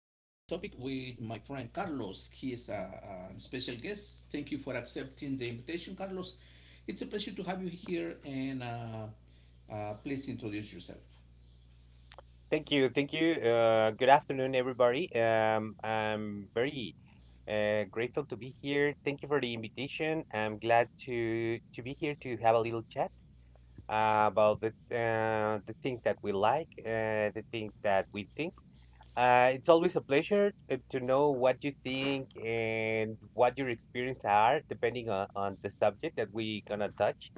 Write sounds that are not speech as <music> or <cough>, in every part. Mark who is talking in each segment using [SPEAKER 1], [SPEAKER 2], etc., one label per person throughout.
[SPEAKER 1] with my friend Carlos. He is a special guest. Thank you for accepting the invitation, Carlos. It's a pleasure to have you here, and please introduce yourself.
[SPEAKER 2] Thank you, thank you. Good afternoon, everybody. I'm very grateful to be here. Thank you for the invitation. I'm glad to be here to have a little chat about the things that we like, the things that we think. It's always a pleasure to know what you think and what your experience are, depending on the subject that we gonna touch.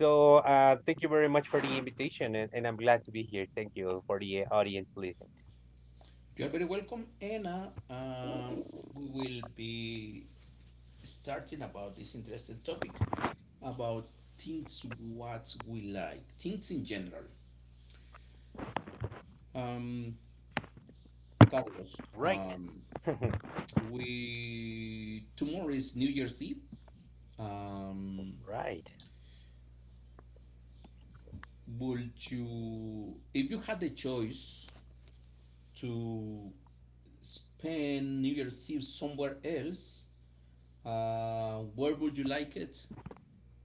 [SPEAKER 2] So thank you very much for the invitation, and I'm glad to be here. Thank you for the audience listen.
[SPEAKER 1] You are very welcome, and we will be starting about this interesting topic about things what we like, things in general. Um, Carlos,
[SPEAKER 2] Right. <laughs>
[SPEAKER 1] we tomorrow is New Year's Eve. Um,
[SPEAKER 2] Right.
[SPEAKER 1] would you, if you had the choice to spend New Year's Eve somewhere else, where would you like it?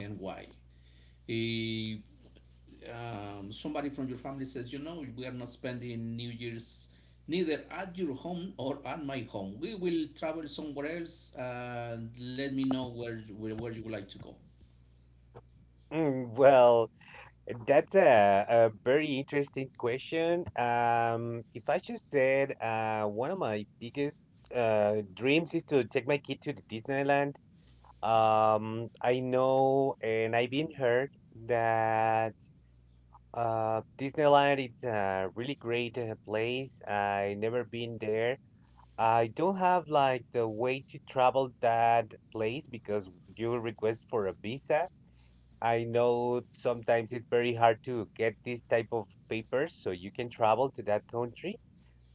[SPEAKER 1] And why. Eh, somebody from your family says, you know, we are not spending New Year's neither at your home or at my home. We will travel somewhere else. And let me know where you would like to go.
[SPEAKER 2] Mm, well, that's a very interesting question. If I just said one of my biggest dreams is to take my kid to the Disneyland. I know and I've been heard that Disneyland is a really great place. I never been there. I don't have like the way to travel that place because you request for a visa. I know sometimes it's very hard to get these type of papers so you can travel to that country.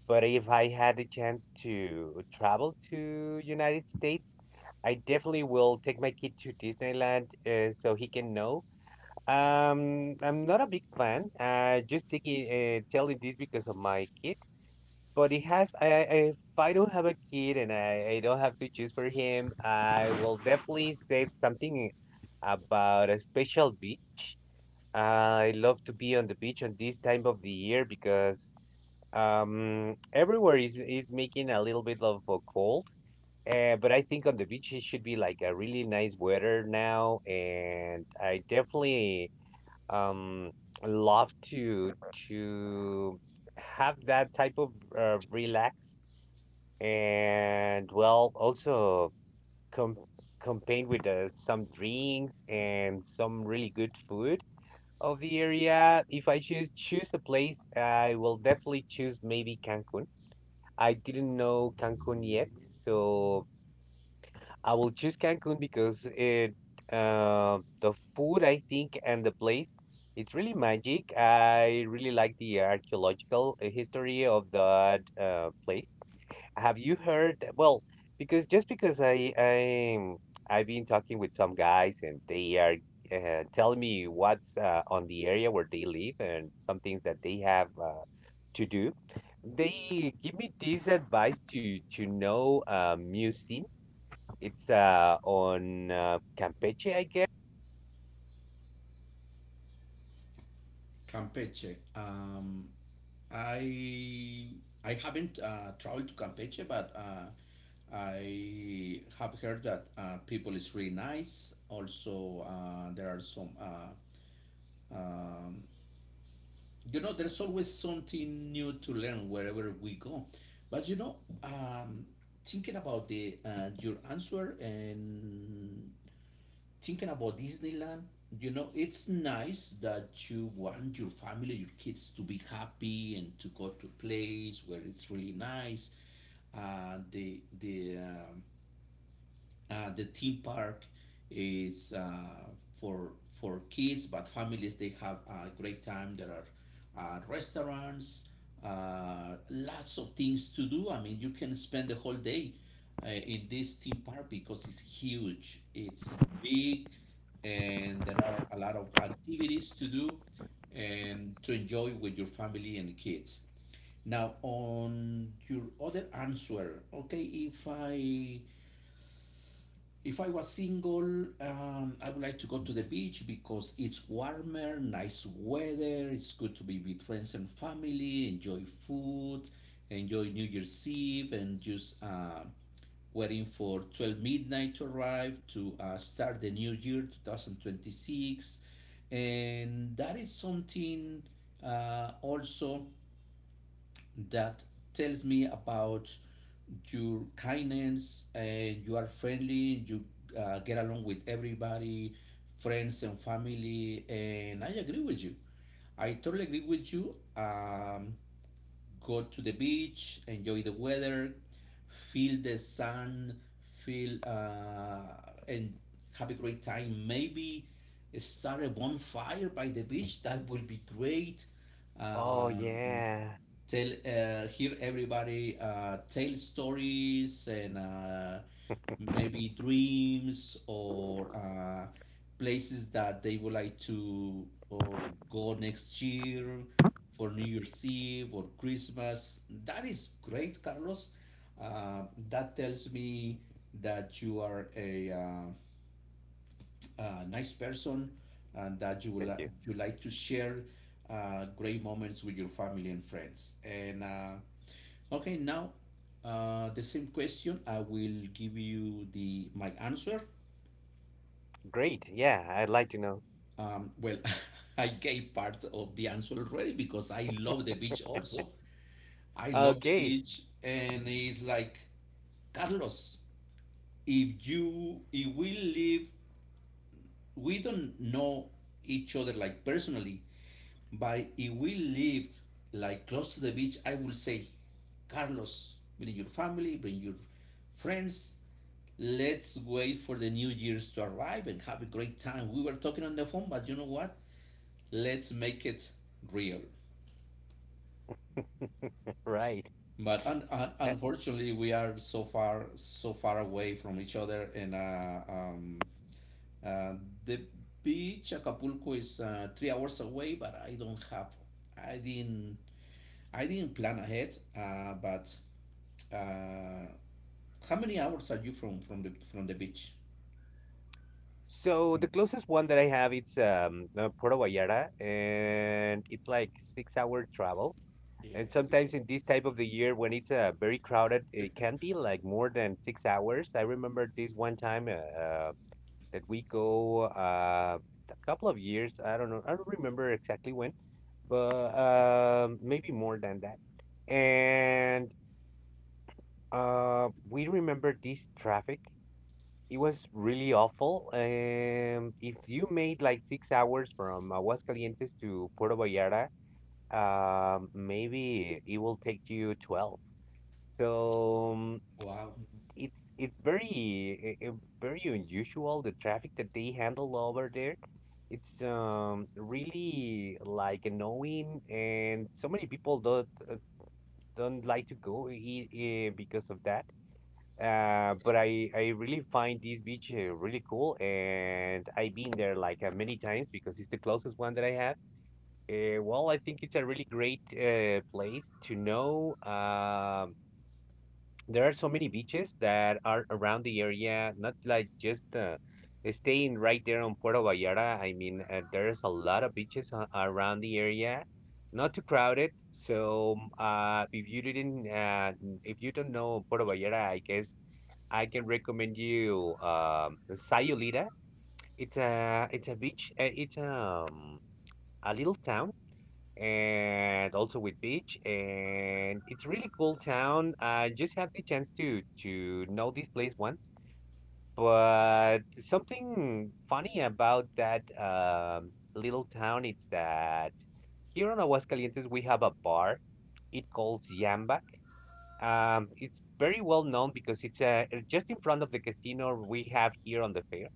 [SPEAKER 2] But if I had a chance to travel to United States, I definitely will take my kid to Disneyland so he can know. I'm not a big fan. Just taking telling this because of my kid. But if have if I don't have a kid and I don't have to choose for him, I will definitely say something about a special beach. I love to be on the beach on this time of the year because everywhere is making a little bit of a cold. But I think on the beach it should be like a really nice weather now, and I definitely um love to have that type of relax, and well also com combined with some drinks and some really good food of the area. If I choose a place, I will definitely choose maybe Cancun. I didn't know Cancun yet, so I will choose Cancun because it the food I think and the place, it's really magic. I really like the archaeological history of that place. Have you heard well, because just because I've been talking with some guys and they are telling me what's on the area where they live and some things that they have to do. They give me this advice to know a museum. It's on Campeche, I guess.
[SPEAKER 1] Campeche. I I haven't traveled to Campeche, but I have heard that people is really nice. Also, there are some um, you know, there's always something new to learn wherever we go. But you know, um, thinking about the your answer and thinking about Disneyland, you know, it's nice that you want your family, your kids to be happy and to go to a place where it's really nice. Uh, the the um, the theme park is for for kids, but families they have a great time. There are restaurants, lots of things to do. I mean, you can spend the whole day in this theme park because it's huge, it's big, and there are a lot of activities to do and to enjoy with your family and kids. Now, on your other answer, okay, if I if I was single, I would like to go to the beach because it's warmer, nice weather, it's good to be with friends and family, enjoy food, enjoy New Year's Eve, and just waiting for 12 midnight to arrive to start the new year 2026. And that is something also that tells me about your kindness and you are friendly you get along with everybody, friends and family, and I agree with you. I totally agree with you. Go to the beach, enjoy the weather, feel the sun, feel and have a great time. Maybe start a bonfire by the beach. That will be great.
[SPEAKER 2] Oh,
[SPEAKER 1] Um,
[SPEAKER 2] yeah.
[SPEAKER 1] tell hear everybody tell stories and maybe dreams or places that they would like to uh, go next year for New Year's Eve or Christmas. That is great, Carlos. Uh, that tells me that you are a nice person and that you will
[SPEAKER 2] Thank you.
[SPEAKER 1] you like to share great moments with your family and friends. And okay, now the same question. I will give you the my answer.
[SPEAKER 2] Great. Yeah, I'd like to know.
[SPEAKER 1] Well, <laughs> I gave part of the answer already because I love the beach also. I love the
[SPEAKER 2] Okay,
[SPEAKER 1] beach, and it's like Carlos. If we live, we don't know each other like personally. But if we lived like close to the beach, I would say, Carlos, bring your family, bring your friends. Let's wait for the New Year's to arrive and have a great time. We were talking on the phone, but you know what? Let's make it real.
[SPEAKER 2] right.
[SPEAKER 1] But
[SPEAKER 2] Uh,
[SPEAKER 1] unfortunately, we are so far, so far away from each other. And uh, the beach, Acapulco, is 3 hours away. But I don't have, I didn't I didn't plan ahead, but uh, how many hours are you from the beach?
[SPEAKER 2] so the closest one that I have, it's Puerto Vallarta, and it's like 6 hour travel. And
[SPEAKER 1] Yes,
[SPEAKER 2] sometimes
[SPEAKER 1] it's
[SPEAKER 2] in this type of the year when it's very crowded, it can be like more than 6 hours. I remember this one time. That we go a couple of years? I don't know, I don't remember exactly when, but maybe more than that. And we remember this traffic. It was really awful. If you made like 6 hours from Aguascalientes to Puerto Vallarta, maybe it will take you 12. So um,
[SPEAKER 1] wow,
[SPEAKER 2] it's very very unusual the traffic that they handle over there. It's really like annoying, and so many people don't like to go here because of that. But I really find this beach really cool, and I've been there like many times because it's the closest one that I have. Well, I think it's a really great place to know. There are so many beaches that are around the area, not like just staying right there on Puerto Vallarta. I mean, there's a lot of beaches around the area, not too crowded. So, mm, if you didn't, if you don't know Puerto Vallarta, I guess I can recommend you Sayulita. It's a beach. It's a little town and also with beach, and it's really cool town. I just have the chance to know this place once. But something funny about that little town is that here on Aguascalientes we have a bar. It calls Yambak. It's very well known because it's just in front of the casino we have here on the fair.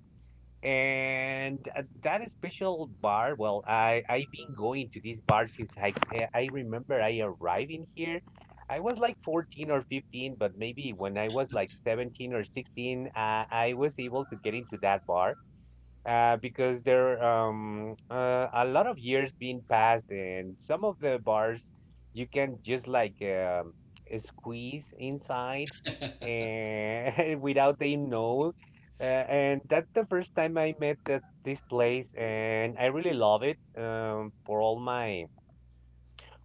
[SPEAKER 2] And at that special bar, well, I've been going to this bar since I remember I arrived in here. I was like 14 or 15, but maybe when I was like 17 or 16, I was able to get into that bar because there a lot of years being passed, and some of the bars you can just like squeeze inside and <laughs> without they know. And that's the first time I met that this place, and I really love it for all my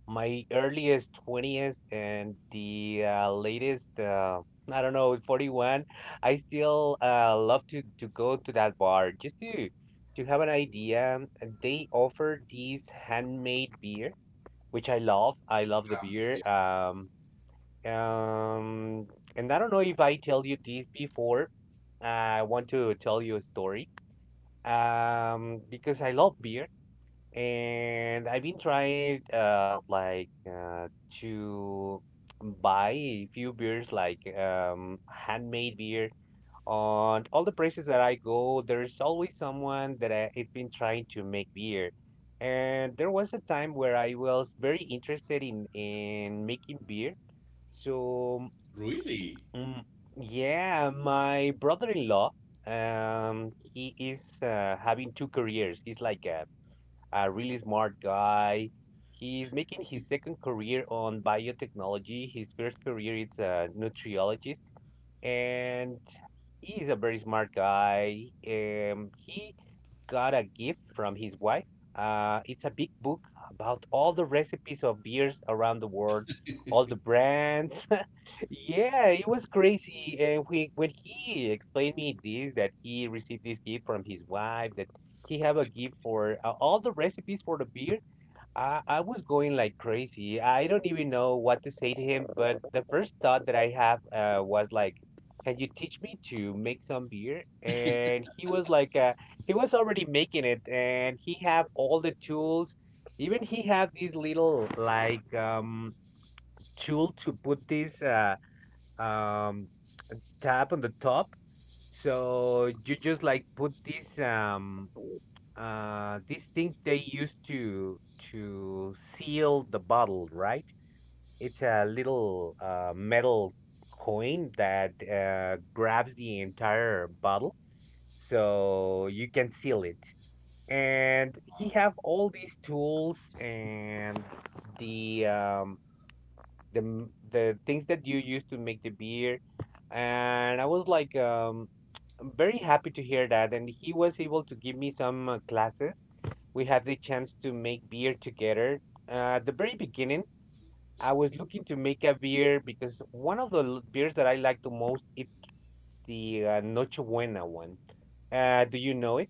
[SPEAKER 2] my earliest 20th and the latest, I don't know, 41. I still love to go to that bar just to have an idea. And they offer these handmade beer, which I love. I love the beer.
[SPEAKER 1] weird.
[SPEAKER 2] Um, and I don't know if I tell you this before. I want to tell you a story. Because I love beer. And I've been trying to buy a few beers like handmade beer. On all the places that I go, there's always someone that it's been trying to make beer. And there was a time where I was very interested in making beer. So
[SPEAKER 1] Really?
[SPEAKER 2] mm, yeah, my brother-in-law he is having 2 careers. He's like a really smart guy. He's making his second career on biotechnology. His first career is a nutriologist, and he is a very smart guy. He got a gift from his wife. It's a big book about all the recipes of beers around the world, all the brands. Yeah, it was crazy. And we, when he explained me this, that he received this gift from his wife, that he have a gift for all the recipes for the beer, I was going like crazy. I don't even know what to say to him, but the first thought that I have was like, "Can you teach me to make some beer?" And he was like, he was already making it, and he have all the tools. Even he have this little like tool to put this. Um Tab on the top, so you just like put this this thing they use to seal the bottle, right? It's a little metal coin that grabs the entire bottle so you can seal it. And he
[SPEAKER 1] Wow.
[SPEAKER 2] have all these tools and the um the the things that you use to make the beer. And I was like, I'm very happy to hear that. And he was able to give me some classes. We had the chance to make beer together. At the very beginning, I was looking to make a beer because one of the beers that I like the most, it's the Noche Buena one. Do you know it?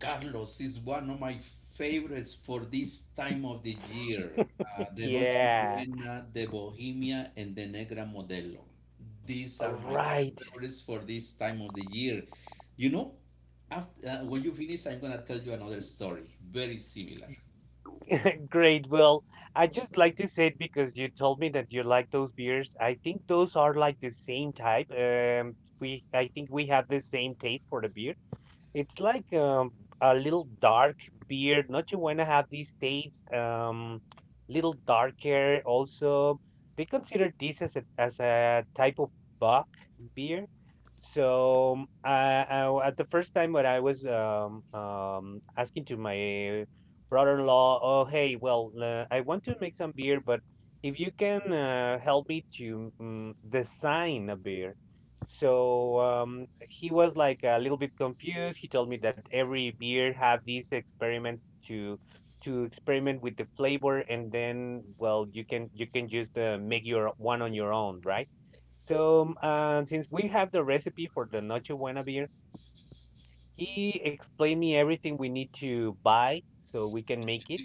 [SPEAKER 1] Carlos, is one of my favorites for this time of the year. The Noche
[SPEAKER 2] Yeah,
[SPEAKER 1] Buena, the Bohemia, and the Negra Modelo. These are my kind of
[SPEAKER 2] right.
[SPEAKER 1] favorites for this time of the year. You know, after, when you finish, I'm gonna tell you another story, very similar.
[SPEAKER 2] <laughs> Great. Well, I just like to say it because you told me that you like those beers. I think those are like the same type. We I think we have the same taste for the beer. It's like a little dark beard. Not you want to have these days, little dark hair. Also, they consider this as a type of buck beer. So I, at the first time when I was asking to my brother-in-law, oh hey, well I want to make some beer, but if you can help me to mm, design a beer. So he was like a little bit confused. He told me that every beer have these experiments to experiment with the flavor, and then well, you can just make your one on your own, right? So since we have the recipe for the Noche Buena beer, he explained me everything we need to buy so we can make it.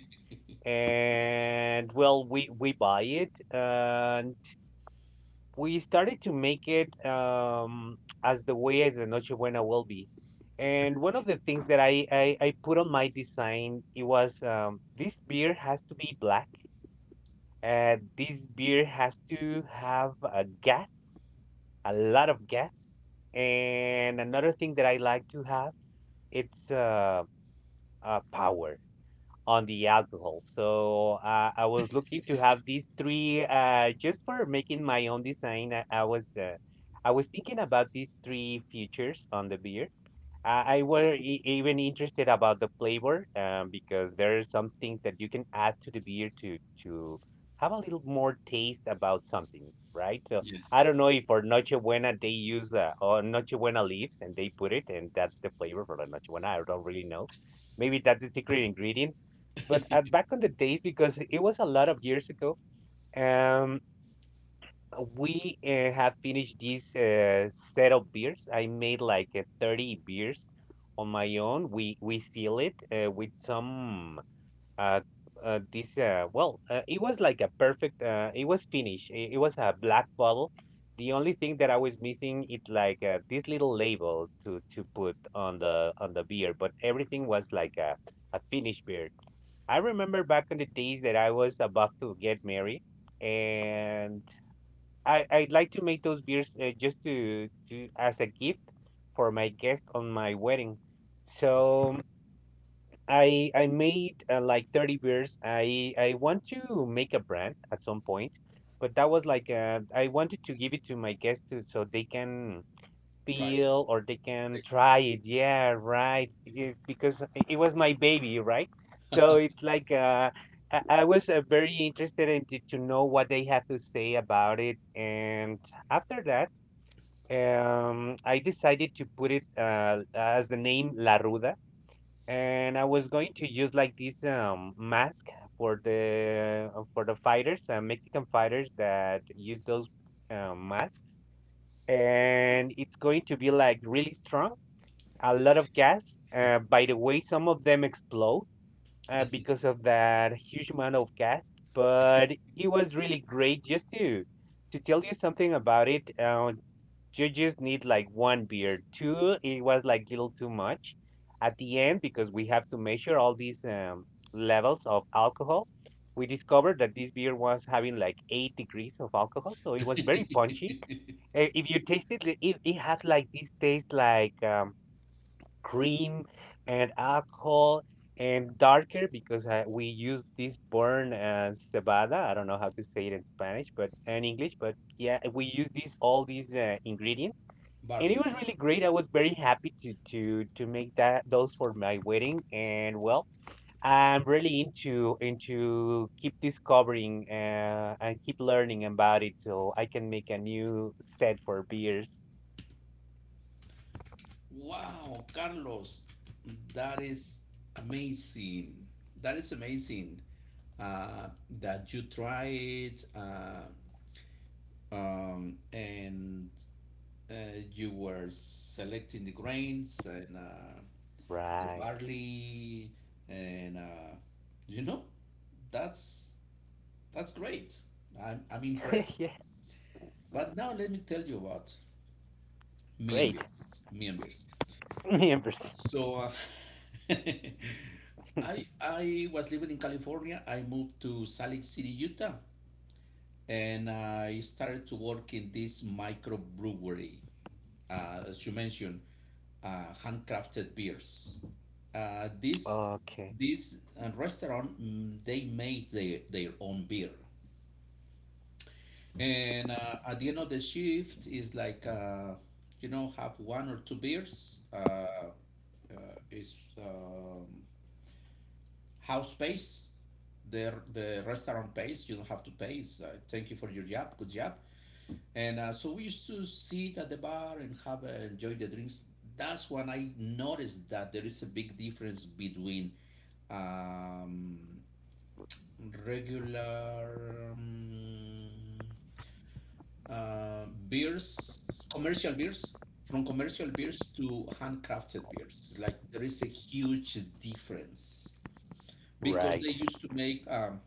[SPEAKER 2] And well, we buy it. We started to make it as the way as the Noche Buena will be. And one of the things that I put on my design, it was this beer has to be black. This beer has to have a gas, a lot of gas. And another thing that I like to have, it's power on the alcohol. So I was looking to have these three just for making my own design. I was thinking about these three features on the beer. I were e- even interested about the flavor, because there are some things that you can add to the beer to to have a little more taste about something, right? So I
[SPEAKER 1] Yes.
[SPEAKER 2] don't know if for Noche Buena they use or Noche Buena leaves and they put it and that's the flavor for the Noche Buena. I don't really know, maybe that's the secret ingredient. But
[SPEAKER 1] <laughs>
[SPEAKER 2] at back on the days, because it was a lot of years ago, um, we have finished this set of beers. I made like 30 beers on my own. We seal it with some uh, this well it was like a perfect, it was finished. It was a black bottle. The only thing that I was missing it like, this little label to put on the beer, but everything was like a finished beer. I remember back in the days that I was about to get married, and I'd like to make those beers, just to as a gift for my guest on my wedding. So I made like 30 beers. I want to make a brand at some point, but that was like, I wanted to give it to my guests to so they can
[SPEAKER 1] Try it.
[SPEAKER 2] peel or they can
[SPEAKER 1] Tasted.
[SPEAKER 2] try it. Yeah, right. It's because it was my baby, right? So it's like, I was very interested in to know what they had to say about it. And after that, I decided to put it as the name La Ruda. And I was going to use like this, mask for the fighters, Mexican fighters that use those masks, and it's going to be like really strong, a lot of gas. By the way, some of them explode because of that huge amount of gas. But it was really great just to tell you something about it. Judges need like one beer. Two, it was like a little too much at the end, because we have to measure all these, levels of alcohol. We discovered that this beer was having like 8 degrees of alcohol, so it was very punchy.
[SPEAKER 1] <laughs>
[SPEAKER 2] If you taste it, it has like this taste like, cream and alcohol and darker because we use this burn as cebada. I don't know how to say it in Spanish, but in English, but yeah, we use these all these ingredients. And it
[SPEAKER 1] Barley.
[SPEAKER 2] was really great. I was very happy to make that those for my wedding. And well, I'm really into keep discovering and keep learning about it so I can make a new set for beers.
[SPEAKER 1] Wow, Carlos, that is amazing. That is amazing, uh, that you tried and uh, you were selecting the grains and the
[SPEAKER 2] Right.
[SPEAKER 1] barley and you know, that's that's great. I'm
[SPEAKER 2] <laughs>
[SPEAKER 1] impressed.
[SPEAKER 2] yeah,
[SPEAKER 1] But now let me tell you about me and
[SPEAKER 2] great.
[SPEAKER 1] beers. Me and beers.
[SPEAKER 2] <laughs> Members.
[SPEAKER 1] So <laughs> I was living in California. I moved to Salt Lake City, Utah, and I started to work in this microbrewery. As you mentioned, handcrafted beers. This
[SPEAKER 2] Okay.
[SPEAKER 1] this restaurant they made their own beer, and at the end of the shift is like you know, have one or two beers. Is house pays, the restaurant pays, you don't have to pay. It's, thank you for your job, good job. And so we used to sit at the bar and have enjoy the drinks. That's when I noticed that there is a big difference between um, regular beers, commercial beers. From commercial beers to handcrafted beers, like there is a huge difference because they
[SPEAKER 2] Right.
[SPEAKER 1] used to make um,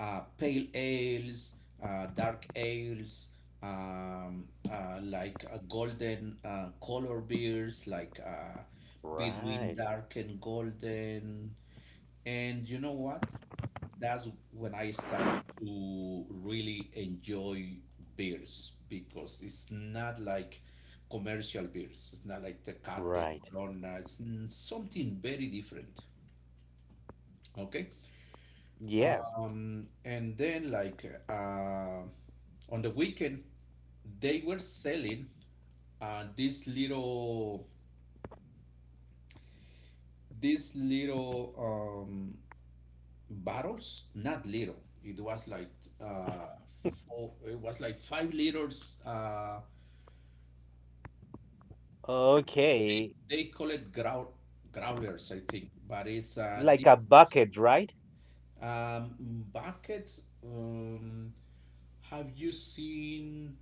[SPEAKER 1] uh, pale ales, dark ales, um, golden color beers, like between
[SPEAKER 2] Right.
[SPEAKER 1] dark and golden. And you know what? That's when I started to really enjoy beers because it's not like commercial beers. It's not like Tecate,
[SPEAKER 2] Right.
[SPEAKER 1] Corona. Something very different. Okay.
[SPEAKER 2] Yeah.
[SPEAKER 1] And then, like, on the weekend, they were selling uh, these little, these little um, bottles. Not little. It was like, uh, oh, it was like 5 liters.
[SPEAKER 2] Okay.
[SPEAKER 1] They call it growlers, I think. But it's
[SPEAKER 2] Like a
[SPEAKER 1] these
[SPEAKER 2] bucket, right?
[SPEAKER 1] um, buckets. Have you seen?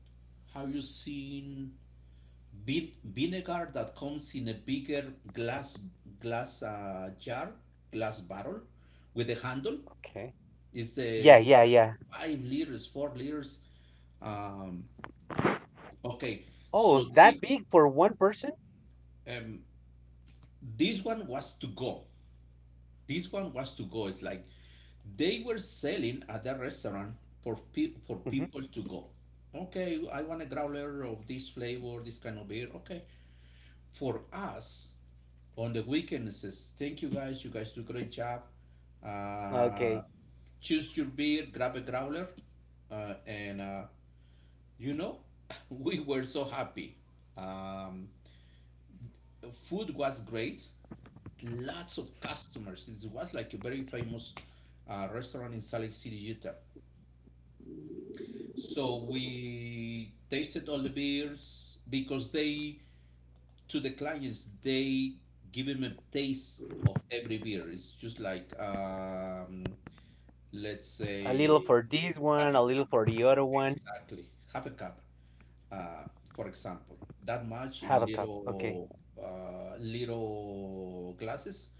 [SPEAKER 1] Have you seen vinegar that comes in a bigger glass glass jar, glass barrel with a handle.
[SPEAKER 2] Okay.
[SPEAKER 1] It's the
[SPEAKER 2] Yeah,
[SPEAKER 1] it's
[SPEAKER 2] yeah,
[SPEAKER 1] like
[SPEAKER 2] yeah.
[SPEAKER 1] 5 liters, 4 liters. Um, okay,
[SPEAKER 2] Oh,
[SPEAKER 1] so
[SPEAKER 2] that
[SPEAKER 1] they
[SPEAKER 2] big for one person?
[SPEAKER 1] um, this one was to go. This one was to go. It's like they were selling at the restaurant for for
[SPEAKER 2] Mm-hmm.
[SPEAKER 1] people to go. Okay, I want a growler of this flavor, this kind of beer. Okay, for us on the weekends, says, thank you guys. You guys do a great job. Uh,
[SPEAKER 2] Okay.
[SPEAKER 1] choose your beer, grab a growler. Uh, and, uh, you know, <laughs> we were so happy. Um, food was great. Lots of customers. It was like a very famous restaurant in Salt Lake City, Utah. So we tasted all the beers because they to the clients they give them a taste of every beer. It's just like let's
[SPEAKER 2] A little
[SPEAKER 1] say
[SPEAKER 2] for this
[SPEAKER 1] half
[SPEAKER 2] one,
[SPEAKER 1] a
[SPEAKER 2] a little
[SPEAKER 1] cup.
[SPEAKER 2] for the other one.
[SPEAKER 1] Exactly, half a cup, uh, for example, that much
[SPEAKER 2] Have
[SPEAKER 1] in
[SPEAKER 2] a cup. Okay.
[SPEAKER 1] little little glasses.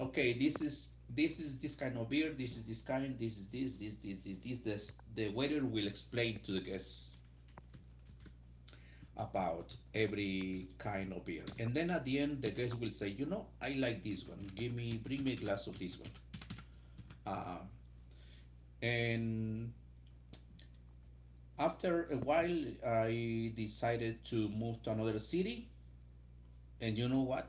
[SPEAKER 1] Okay, this is this kind of beer, this is this kind this is this this this this this this The waiter will explain to the guests about every kind of beer. And then at the end, the guest will say, you know, I like this one. Give me, bring me a glass of this one. Uh, and after a while, I decided to move to another city. And you know what?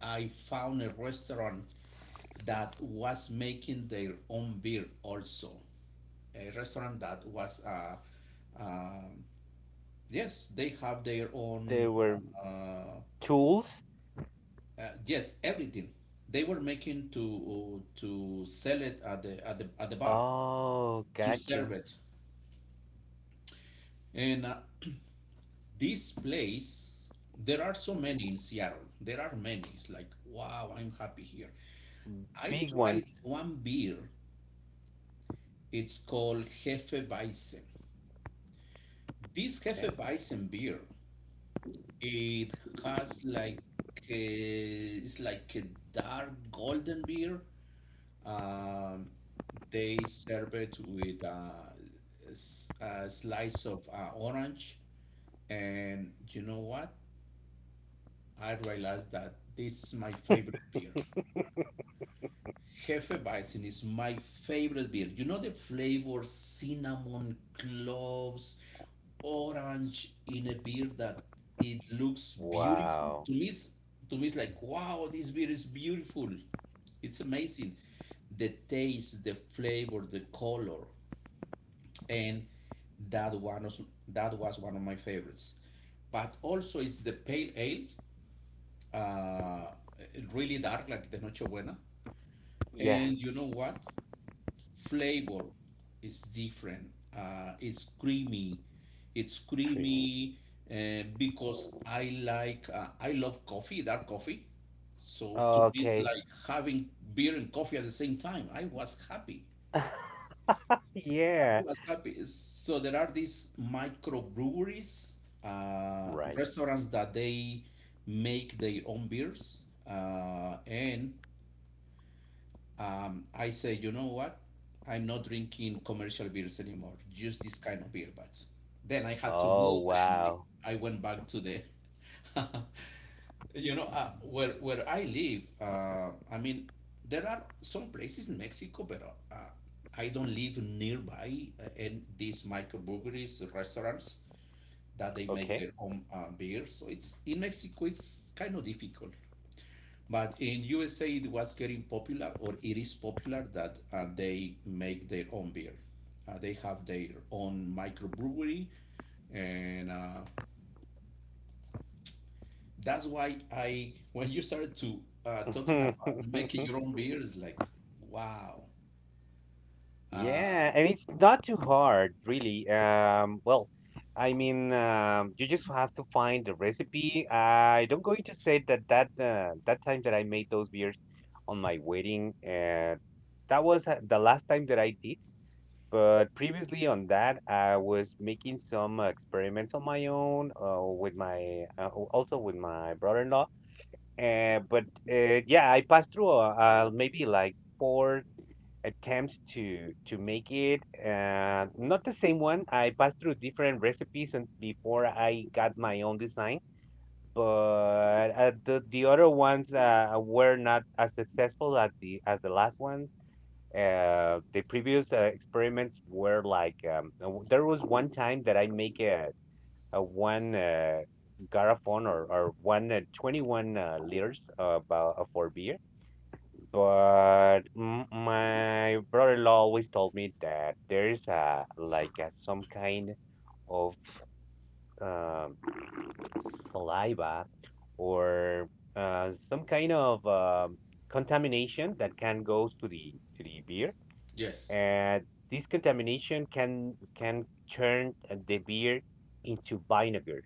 [SPEAKER 1] I found a restaurant that was making their own beer also. A restaurant that was, um yes, they have their
[SPEAKER 2] They
[SPEAKER 1] own
[SPEAKER 2] were
[SPEAKER 1] uh,
[SPEAKER 2] tools.
[SPEAKER 1] uh, yes, everything. They were making to sell it at the bar
[SPEAKER 2] Oh,
[SPEAKER 1] to serve
[SPEAKER 2] gotcha.
[SPEAKER 1] it, and <clears throat> this place. There are so many in Seattle. There are many. It's like wow, I'm happy here. I
[SPEAKER 2] Big
[SPEAKER 1] tried
[SPEAKER 2] ones.
[SPEAKER 1] one beer. It's called Hefeweizen. This
[SPEAKER 2] Okay.
[SPEAKER 1] Hefeweizen beer, it has like it's like a dark golden beer. Um, they serve it with a slice of orange, and you know what? I realized that this is my favorite beer. Hefeweizen is my favorite beer. You know the flavor cinnamon, cloves, orange in a beer that it looks beautiful.
[SPEAKER 2] Wow.
[SPEAKER 1] To me, it's like wow, this beer is beautiful. It's amazing. The taste, the flavor, the color, and that one was, that was one of my favorites. But also, it's the pale ale, uh, really dark like the Nochebuena.
[SPEAKER 2] Yeah,
[SPEAKER 1] And you know what? Flavor is different. It's creamy. It's
[SPEAKER 2] creamy.
[SPEAKER 1] creamy because I like I love coffee, dark coffee. So to me, it's
[SPEAKER 2] Okay.
[SPEAKER 1] like having beer and coffee at the same time. I was happy.
[SPEAKER 2] <laughs>
[SPEAKER 1] I
[SPEAKER 2] yeah.
[SPEAKER 1] was happy. So there are these microbreweries,
[SPEAKER 2] Right.
[SPEAKER 1] restaurants that they make their own beers, and I say, you know what? I'm not drinking commercial beers anymore, just this kind of beer. But then I had to
[SPEAKER 2] Oh,
[SPEAKER 1] move and
[SPEAKER 2] wow.
[SPEAKER 1] I went back to <laughs> you know, where I live. I mean, there are some places in Mexico, but uh, I don't live nearby and these microbreweries, restaurants that they make
[SPEAKER 2] Okay.
[SPEAKER 1] their own beer. So it's in Mexico, it's kind of difficult. But in USA, it was getting popular, or it is popular, that they make their own beer. They have their own microbrewery, and that's why when you started to talking about making your
[SPEAKER 2] <laughs>
[SPEAKER 1] own beer, it's like, wow. Uh,
[SPEAKER 2] Yeah, and it's not too hard, really. You just have to find the recipe. I don't going to say that that time that I made those beers on my wedding, that was the last time that I did. But previously on that, I was making some experiments on my own, with my also with my brother-in-law. But yeah, I passed through maybe like four attempts to make it, not the same one. I passed through different recipes and before I got my own design, but the other ones were not as successful as the last ones. The previous experiments were like, there was one time that I make a one garrafon, or one 21 liters about, for beer. But my brother-in-law always told me that there is a, like a, some kind of, um, saliva or some kind of contamination that can go to the beer,
[SPEAKER 1] yes.
[SPEAKER 2] and this contamination can turn the beer into vinegar.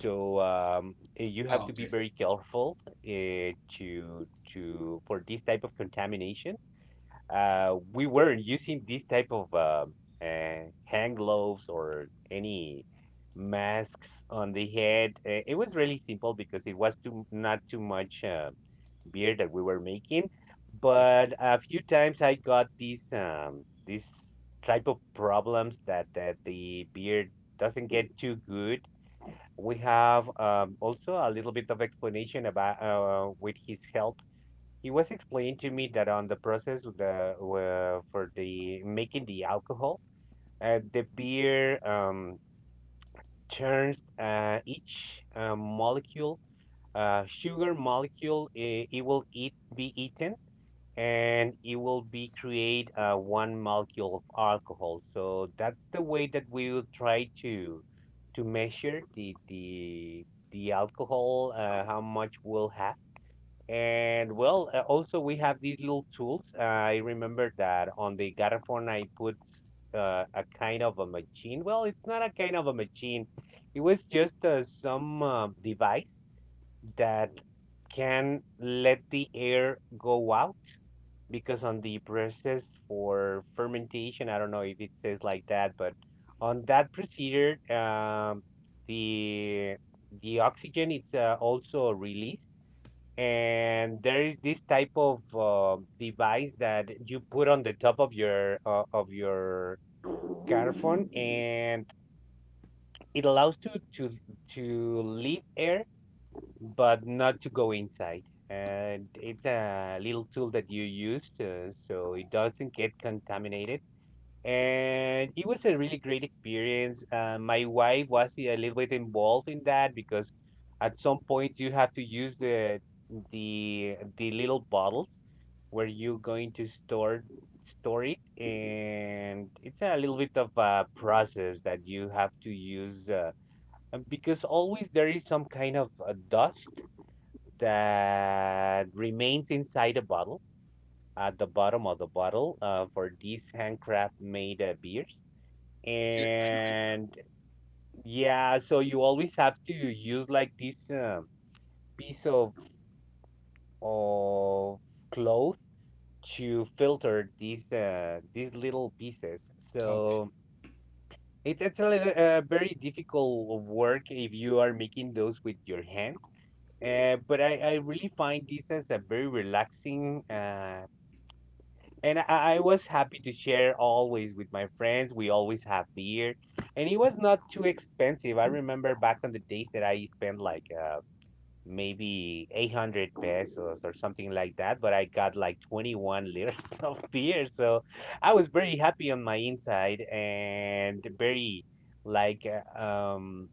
[SPEAKER 2] So, you have
[SPEAKER 1] Oh,
[SPEAKER 2] to be
[SPEAKER 1] okay.
[SPEAKER 2] very careful to for this type of contamination. We weren't using this type of hand gloves or any masks on the head. It was really simple because it was too not too much beer that we were making.
[SPEAKER 1] Yes.
[SPEAKER 2] But a few times I got these, these type of problems that the beer doesn't get too good. We have, also a little bit of explanation about, with his help, he was explained to me that on the process of the for the making the alcohol, the beer, turns each molecule, sugar molecule, it will eat, be eaten, and it will be create one molecule of alcohol. So that's the way that we will try to measure the alcohol, how much we'll have. And well, also we have these little tools. I remember that on the garrafon I put a kind of a machine. Well, it's not a kind of a machine. It was just some device that can let the air go out because on the process for fermentation, I don't know if it says like that, but on that procedure, the the oxygen is also released, and there is this type of device that you put on the top of your carphone, and it allows to leave air but not to go inside. And it's a little tool that you use so it doesn't get contaminated. And it was a really great experience. My wife was a little bit involved in that because at some point you have to use the little bottles where you're going to store it, and it's a little bit of a process that you have to use because always there is some kind of dust that remains inside a bottle at the bottom of the bottle for these handcraft made beers.
[SPEAKER 1] Yes.
[SPEAKER 2] And yeah, so you always have to use like this piece of of cloth to filter these little pieces.
[SPEAKER 1] Okay.
[SPEAKER 2] So it's a little, very difficult work if you are making those with your hands. But I really find this as a very relaxing and I was happy to share always with my friends. We always have beer, and it was not too expensive. I remember back on the days that I spent like maybe 800 pesos or something like that, but I got like 21 liters <laughs> of beer. So I was very happy on my inside and very like,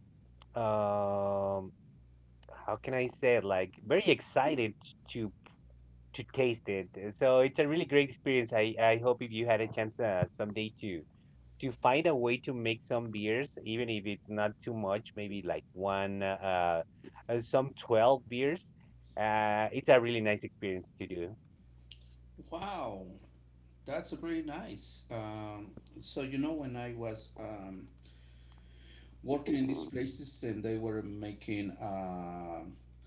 [SPEAKER 2] um how can I say it? Like very excited to taste it. So it's a really great experience. I hope if you had a chance someday to find a way to make some beers, even if it's not too much, maybe like one, some 12 beers. It's a really nice experience to do.
[SPEAKER 1] Wow, that's very nice. So you know, when I was working in these places and they were making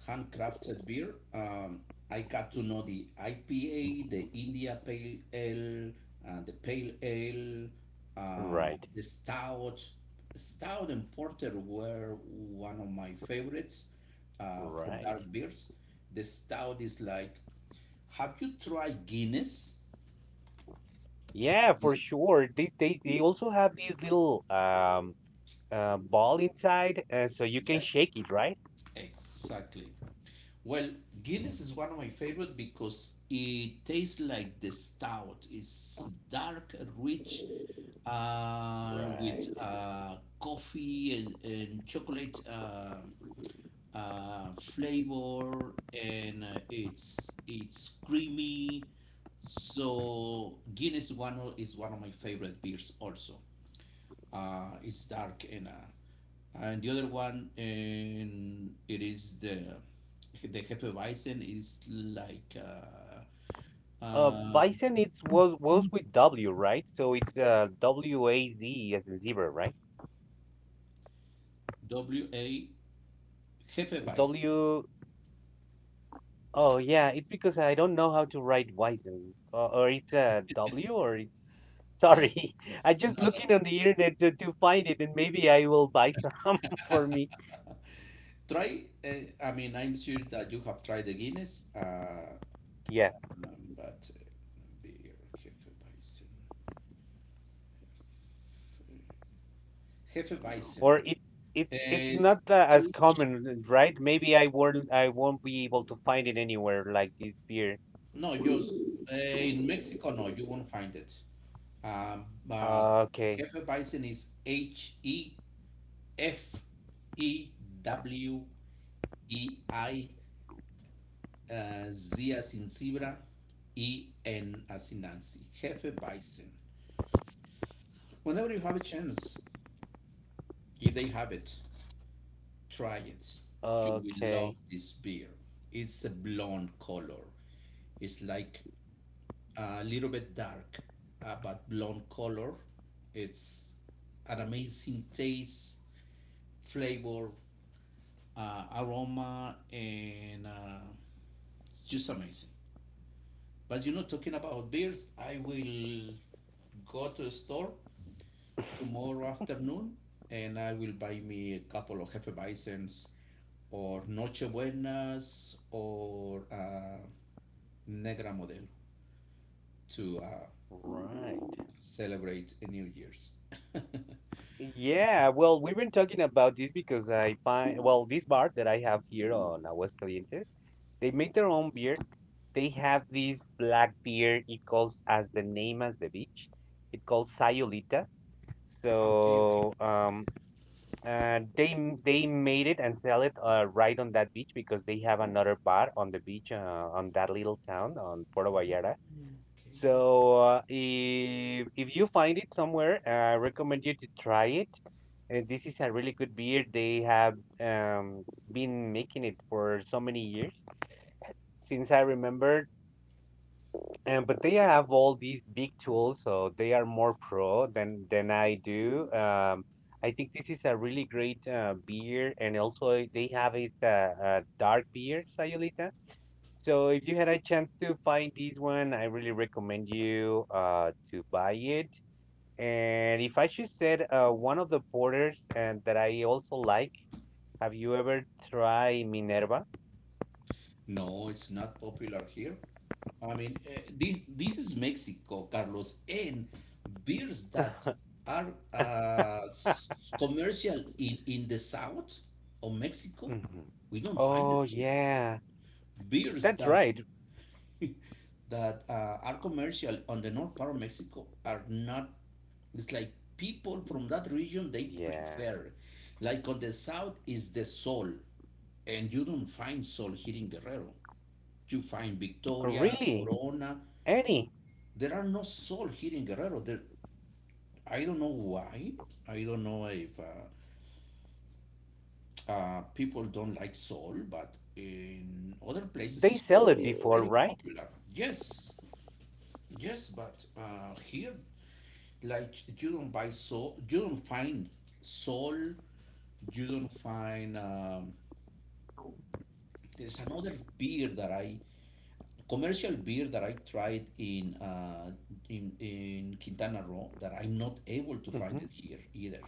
[SPEAKER 1] handcrafted beer. I got to know the IPA, the India Pale Ale, the Pale Ale,
[SPEAKER 2] Right,
[SPEAKER 1] the Stout. Stout and Porter were one of my favorites for
[SPEAKER 2] right.
[SPEAKER 1] dark beers. The Stout is like, have you tried Guinness?
[SPEAKER 2] Yeah,
[SPEAKER 1] The
[SPEAKER 2] for
[SPEAKER 1] beer?
[SPEAKER 2] sure. They also have these little, ball inside, so you can
[SPEAKER 1] Yes,
[SPEAKER 2] shake it, right?
[SPEAKER 1] exactly. Well, Guinness is one of my favorite because it tastes like the stout. It's dark, rich, uh, with
[SPEAKER 2] Right.
[SPEAKER 1] uh, coffee and chocolate flavor, and it's creamy. So Guinness is one of my favorite beers also, it's dark and the other one and it is the hefeweizen is like um,
[SPEAKER 2] Bison, it's was with W, right? So it's WAZ as in zebra, right?
[SPEAKER 1] W A hefeweizen.
[SPEAKER 2] W. Oh yeah, it's because I don't know how to write Bison, or it's W, or it's,
[SPEAKER 1] Uh,
[SPEAKER 2] sorry. <laughs> I just
[SPEAKER 1] no,
[SPEAKER 2] looking on the internet to find it, and maybe I will buy some <laughs> for
[SPEAKER 1] no.
[SPEAKER 2] me.
[SPEAKER 1] <laughs> Try. I mean, I'm sure that you have tried the Guinness,
[SPEAKER 2] Yeah,
[SPEAKER 1] but beer hefeweizen. Hefeweizen.
[SPEAKER 2] or it it's not
[SPEAKER 1] It's
[SPEAKER 2] as
[SPEAKER 1] H.
[SPEAKER 2] common, right? Maybe I won't, be able to find it anywhere like this beer.
[SPEAKER 1] No, just in Mexico. No, you won't find it. But
[SPEAKER 2] Okay,
[SPEAKER 1] Jefe Bison is HEFEWEI, Z as in zebra, E N as in Nancy. Jefe Bison. Whenever you have a chance, if they have it, try it. You will
[SPEAKER 2] okay,
[SPEAKER 1] love this beer. It's a blonde color. It's like a little bit dark, but blonde color. It's an amazing taste, flavor, aroma, and it's just amazing. But you know, talking about beers, I will go to a store tomorrow afternoon and I will buy me a couple of Hefeweizens or Noche Buenas or Negra Modelo to
[SPEAKER 2] right.
[SPEAKER 1] celebrate a New Year's. <laughs>
[SPEAKER 2] Yeah, well, we've been talking about this because I find, well, this bar that I have here on Aguascalientes, they make their own beer. They have this black beer. It calls as the name as the beach. It calls Sayulita.
[SPEAKER 1] Okay, okay.
[SPEAKER 2] So, they made it and sell it right on that beach because they have another bar on the beach on that little town on Puerto Vallarta.
[SPEAKER 1] Mm, okay.
[SPEAKER 2] So if if you find it somewhere, I recommend you to try it. And this is a really good beer. They have, um, been making it for so many years since I remember. And but they have all these big tools, so they are more pro than I do. I think this is a really great beer, and also they have it dark beer, Sayulita. So if you had a chance to find this one, I really recommend you to buy it. And if I should said one of the porters and that I also like, have you ever tried Minerva? <laughs>
[SPEAKER 1] No, it's not popular here. I mean, this this is Mexico, Carlos, and beers that are uh, s- commercial in the south of Mexico,
[SPEAKER 2] Mhm.
[SPEAKER 1] we don't find it
[SPEAKER 2] Oh
[SPEAKER 1] here.
[SPEAKER 2] yeah,
[SPEAKER 1] Beers
[SPEAKER 2] that's
[SPEAKER 1] that
[SPEAKER 2] right.
[SPEAKER 1] <laughs> that are commercial on the north part of Mexico are not. It's like people from that region they
[SPEAKER 2] Yeah,
[SPEAKER 1] prefer. Like on the south is the sol, and you don't find sol here in Guerrero. You find Victoria,
[SPEAKER 2] really,
[SPEAKER 1] Corona.
[SPEAKER 2] any?
[SPEAKER 1] There are no soul here in Guerrero. There, I don't know why. I don't know if people don't like soul, but in other
[SPEAKER 2] They
[SPEAKER 1] places,
[SPEAKER 2] sell
[SPEAKER 1] soul
[SPEAKER 2] it
[SPEAKER 1] is
[SPEAKER 2] before,
[SPEAKER 1] very
[SPEAKER 2] right?
[SPEAKER 1] popular. Yes, yes, but here, like you don't buy soul, you don't find soul, you don't find there's another beer that I commercial beer that I tried in in Quintana Roo that I'm not able to
[SPEAKER 2] Hmm.
[SPEAKER 1] find it here either.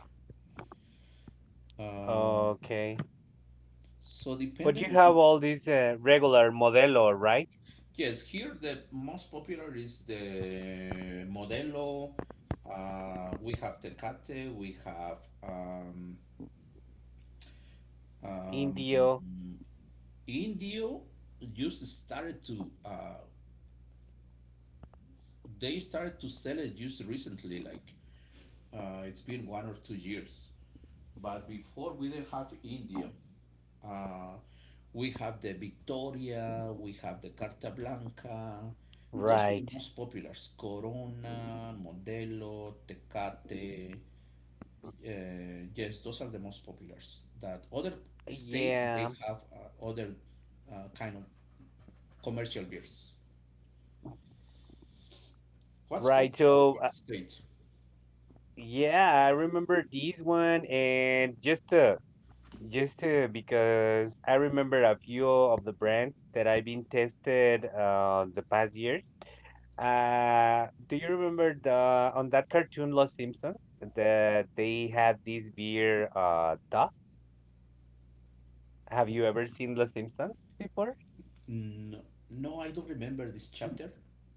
[SPEAKER 1] Um,
[SPEAKER 2] Okay,
[SPEAKER 1] so
[SPEAKER 2] but you
[SPEAKER 1] depending on,
[SPEAKER 2] have all these regular Modelo, right?
[SPEAKER 1] yes, here the most popular is the Modelo. We have Tecate. We have um, um,
[SPEAKER 2] Indio,
[SPEAKER 1] Indio. Just started to they started to sell it just recently, like it's been 1 or 2 years. But before we didn't have India. Uh, we have the Victoria, we have the Carta Blanca. Those are the
[SPEAKER 2] right?
[SPEAKER 1] most popular. Corona, Modelo, Tecate. Yes, those are the most populars. That other states they
[SPEAKER 2] Yeah.
[SPEAKER 1] have other kind of commercial beers. What's
[SPEAKER 2] Right.
[SPEAKER 1] popular on your state?
[SPEAKER 2] Yeah, I remember this one, and just because I remember a few of the brands that I've been tested the past years. Do you remember the on that cartoon Los Simpsons that they had this beer Duff? Have you ever seen Los Simpsons before?
[SPEAKER 1] No, no, I don't remember this chapter.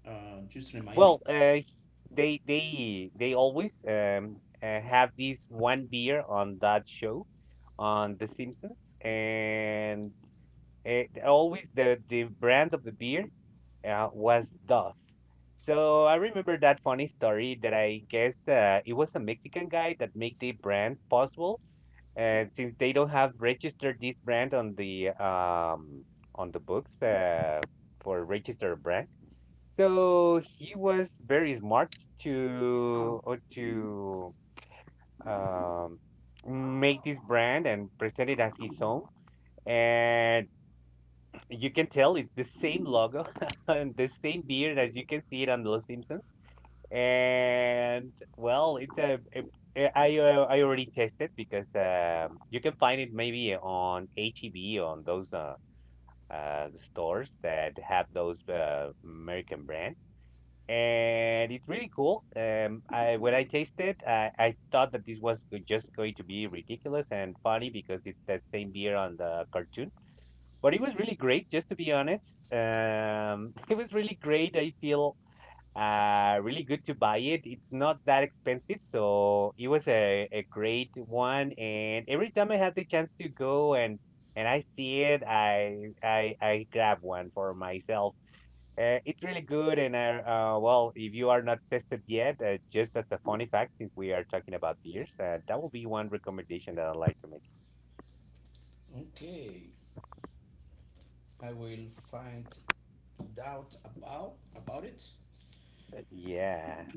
[SPEAKER 1] Just remind me.
[SPEAKER 2] Well, they always have this one beer on that show on The Simpsons, and it, always the brand of the beer was Duff. So I remember that funny story that I guess it was a Mexican guy that made the brand possible, and since they don't have registered this brand on the books for registered brand, so he was very smart to um make this brand and present it as his own, and you can tell it's the same logo <laughs> and the same beard as you can see it on Los Simpsons. And well, it's a- I already tested because you can find it maybe on HEB on those stores that have those American brands. And it's really cool. I when I tasted, I thought that this was just going to be ridiculous and funny because it's the same beer on the cartoon, but it was really great, just to be honest. <laughs> It was really great. I feel really good to buy it. It's not that expensive, so it was a great one. And every time I had the chance to go and I see it, I grab one for myself. It's really good, and I, well, if you are not tested yet, just as a funny fact, since we are talking about beers, that will be one recommendation that I'd like to make.
[SPEAKER 1] Okay. I will find out about it.
[SPEAKER 2] Yeah,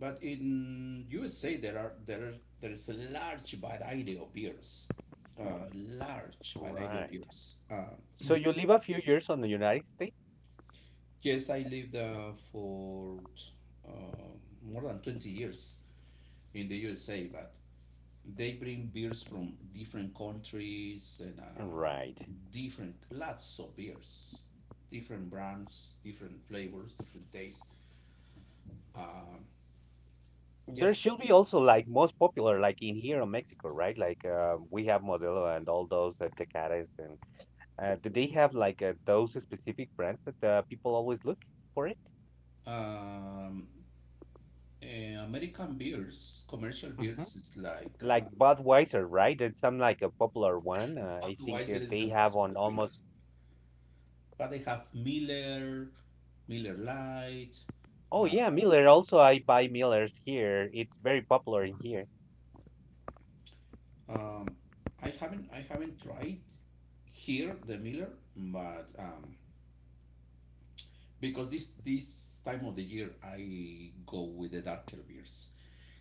[SPEAKER 1] But in USA, there are there is a large variety of beers, large variety of
[SPEAKER 2] right.
[SPEAKER 1] beers.
[SPEAKER 2] So you live a few years on the United States?
[SPEAKER 1] Yes, I lived for uh, more than 20 years in the USA, but they bring beers from different countries and
[SPEAKER 2] Right.
[SPEAKER 1] different lots of beers, different brands, different flavors, different tastes. Um,
[SPEAKER 2] There
[SPEAKER 1] Yes.
[SPEAKER 2] should be also like most popular like in here in Mexico, right? Like we have Modelo and all those Tecates and do they have like those specific brands that people always look for it?
[SPEAKER 1] Um, American beers, commercial
[SPEAKER 2] Hmm.
[SPEAKER 1] beers, is like
[SPEAKER 2] Like Budweiser, right? It's some like a popular one. I think
[SPEAKER 1] Budweiser is
[SPEAKER 2] they
[SPEAKER 1] the
[SPEAKER 2] have
[SPEAKER 1] most
[SPEAKER 2] on
[SPEAKER 1] popular,
[SPEAKER 2] almost.
[SPEAKER 1] but they have Miller, Miller Lite.
[SPEAKER 2] Oh
[SPEAKER 1] Uh,
[SPEAKER 2] yeah, Miller. Also, I buy Millers here. It's very popular in here.
[SPEAKER 1] um, I haven't tried here the Miller, but because this time of the year I go with the darker beers.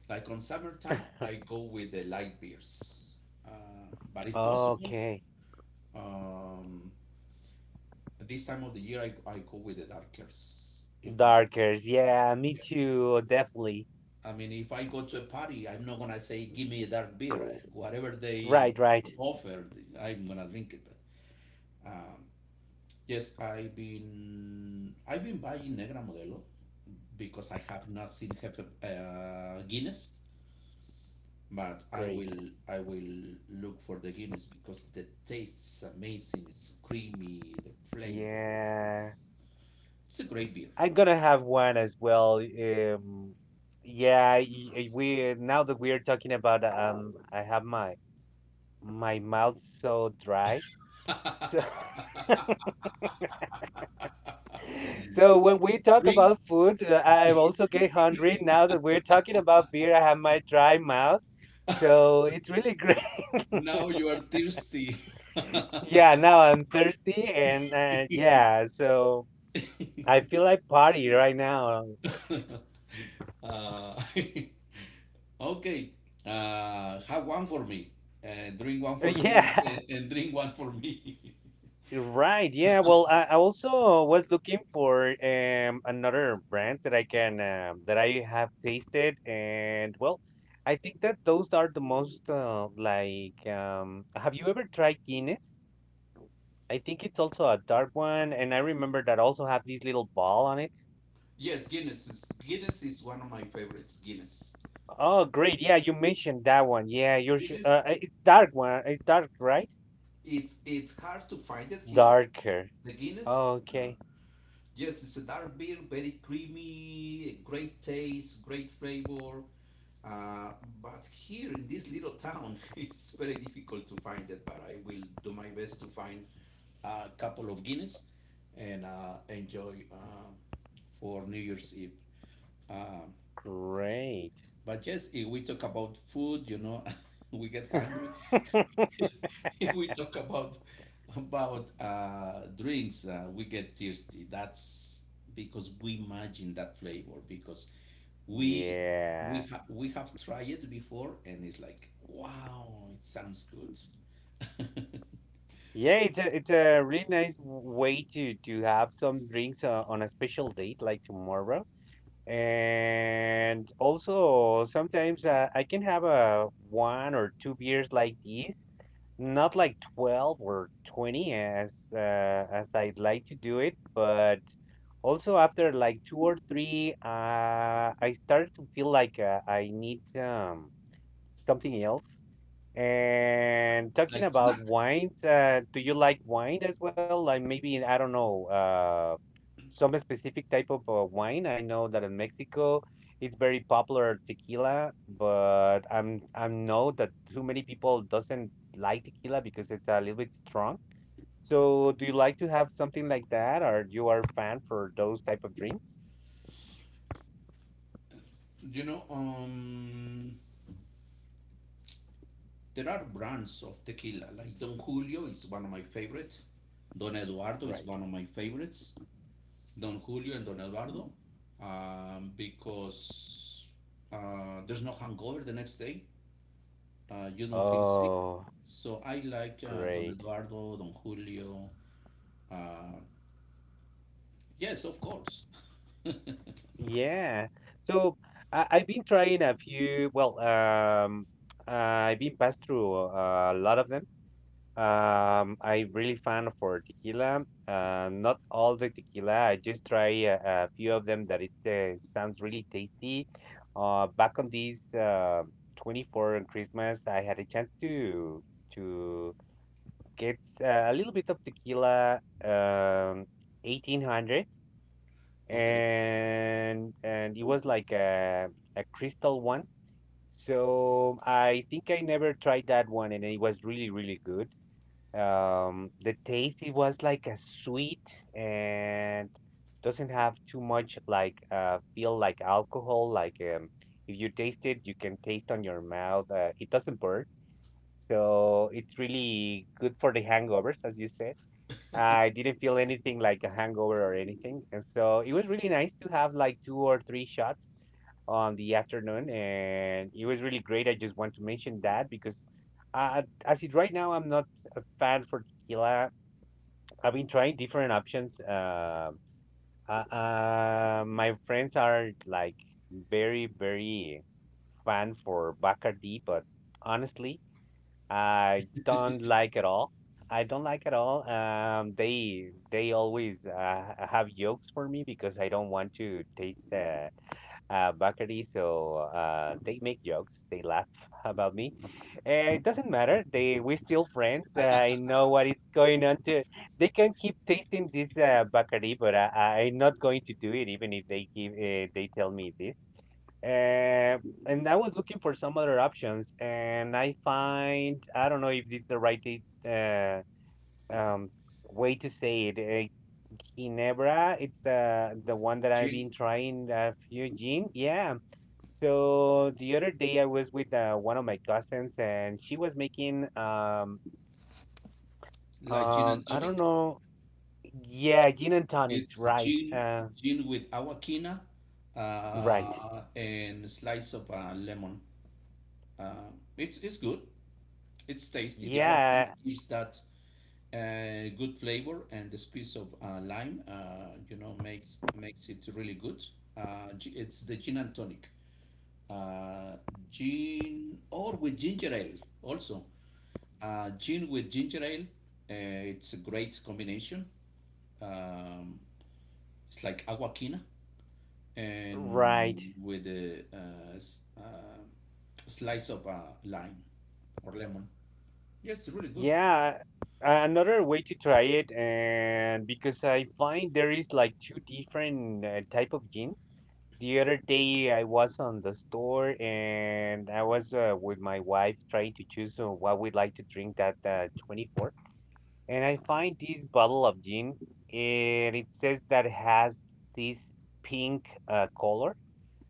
[SPEAKER 1] Like on summertime, I go with the light beers. Uh, but if possible,
[SPEAKER 2] Okay.
[SPEAKER 1] um, this time of the year, I go with the darkers if possible.
[SPEAKER 2] Darkers. Yeah, me
[SPEAKER 1] Yes.
[SPEAKER 2] too. Definitely.
[SPEAKER 1] I mean, if I go to a party, I'm not gonna say, "Give me a dark beer." Whatever they
[SPEAKER 2] Right, right.
[SPEAKER 1] offer, I'm gonna drink it. But um, yes, I've been buying Negra Modelo because I have not seen Jefe, Guinness, but
[SPEAKER 2] Great.
[SPEAKER 1] I will look for the Guinness because the taste's amazing. It's creamy, the flavor.
[SPEAKER 2] Yeah.
[SPEAKER 1] It's a great beer.
[SPEAKER 2] I'm gonna have one as well. Yeah, we now that we're talking about I have my mouth so dry. So
[SPEAKER 1] <laughs> <laughs>
[SPEAKER 2] <laughs> so when we talk
[SPEAKER 1] Drink.
[SPEAKER 2] about food, I am also get hungry. Now that we're talking about beer, I have my dry mouth. So it's really great. <laughs>
[SPEAKER 1] Now you are thirsty. <laughs>
[SPEAKER 2] Yeah, now I'm thirsty and yeah, so I feel like party right now. <laughs>
[SPEAKER 1] Uh, <laughs> okay. Have one for me. Drink one for you and,
[SPEAKER 2] Yeah.
[SPEAKER 1] and, and drink one for me.
[SPEAKER 2] Right. Yeah. Well, I also was looking for another brand that I can that I have tasted, and well, I think that those are the most like. Have you ever tried Guinness? I think it's also a dark one, and I remember that also have this little ball on it.
[SPEAKER 1] <laughs> Yes, Guinness is one of my favorites. Guinness.
[SPEAKER 2] Oh, great. Yeah, you mentioned that one. Yeah, you're
[SPEAKER 1] Guinness.
[SPEAKER 2] it's dark one. It's dark, right?
[SPEAKER 1] It's hard to find it here.
[SPEAKER 2] Darker.
[SPEAKER 1] The Guinness. Uh,
[SPEAKER 2] Okay.
[SPEAKER 1] Yes, it's a dark beer, very creamy, great taste, great flavor. Uh, but here in this little town, <laughs> it's very difficult to find it. But I will do my best to find a couple of Guinness and enjoy for New Year's Eve. Um,
[SPEAKER 2] Great.
[SPEAKER 1] but yes, if we talk about food, you know, <laughs> we get hungry.
[SPEAKER 2] <laughs>
[SPEAKER 1] <laughs> If we talk about drinks, we get thirsty. That's because we imagine that flavor because we
[SPEAKER 2] Yeah.
[SPEAKER 1] we have tried it before and it's like wow, it sounds good.
[SPEAKER 2] Yeah, it's a really nice way to have some drinks on a special date like tomorrow. And also sometimes I can have a one or two beers like these, not like 12 or 20 as I'd like to do it, but also after like two or three, I started to feel like I need something else. And
[SPEAKER 1] <laughs>
[SPEAKER 2] talking
[SPEAKER 1] Like
[SPEAKER 2] about
[SPEAKER 1] snack,
[SPEAKER 2] wines, do you like wine as well? Like maybe, I don't know, some specific type of wine. I know that in Mexico it's very popular tequila, but I'm I know that too many people doesn't like tequila because it's a little bit strong. So do you like to have something like that, or you are fan for those type of drinks?
[SPEAKER 1] you know. There are brands of tequila like Don Julio is one of my favorites. Don Eduardo is
[SPEAKER 2] Right.
[SPEAKER 1] one of my favorites. Don Julio and Don Alvaro, because there's no hangover the next day. You don't feel sick.
[SPEAKER 2] Oh,
[SPEAKER 1] So I like Don
[SPEAKER 2] great.
[SPEAKER 1] Eduardo, Don Julio. Uh, yes, of course.
[SPEAKER 2] Yeah. So I've been trying a few, well, I've been passed through a lot of them. I really fan for tequila. Not all the tequila. I just try a few of them that it sounds really tasty. Back on these 24 on Christmas, I had a chance to get a little bit of tequila, 1800,
[SPEAKER 1] <laughs> Okay.
[SPEAKER 2] and it was like a crystal one. So I think I never tried that one, and it was really really good. The taste it was like a sweet and doesn't have too much like feel like alcohol. Like if you taste it, you can taste on your mouth. It doesn't burn, so it's really good for the hangovers, as you said, I didn't feel anything like a hangover or anything. And so it was really nice to have like two or three shots on the afternoon. And it was really great. I just want to mention that because as it right now, I'm not a fan for tequila. I've been trying different options. My friends are like very, very fan for Bacardi, but honestly, I don't like at all. I don't like at all. They always have jokes for me because I don't want to taste Bacardi, so they make jokes. They laugh about me. It doesn't matter. They we still friends. I know what is going on. To they can keep tasting this Bacardi, but I'm not going to do it, even if they give they tell me this. Uh, and I was looking for some other options, and I find I don't know if this is the right uh, um, way to say it. Ginebra, it's the one that I've
[SPEAKER 1] Gin,
[SPEAKER 2] been trying a few gin. Yeah. So the other day I was with one of my cousins, and she was making
[SPEAKER 1] like gin and
[SPEAKER 2] I don't
[SPEAKER 1] tonic.
[SPEAKER 2] know. Yeah, gin and tonic.
[SPEAKER 1] It's
[SPEAKER 2] Right.
[SPEAKER 1] gin, gin with awakina
[SPEAKER 2] Right.
[SPEAKER 1] and slice of lemon. Uh, it's good. It's tasty. The awakina
[SPEAKER 2] Yeah.
[SPEAKER 1] gives that good flavor, and the squeeze of lime, you know, makes it really good. It's the gin and tonic, uh, gin or with ginger ale also. Gin with ginger ale, it's a great combination. Um, it's like awakina,
[SPEAKER 2] Right.
[SPEAKER 1] and with a slice of lime or lemon. Yeah, it's really good.
[SPEAKER 2] Yeah, another way to try it, and because I find there is like two different type of jeans. The other day I was on the store and I was with my wife trying to choose what we'd like to drink that 24. And I find this bottle of gin, and it says that has this pink color.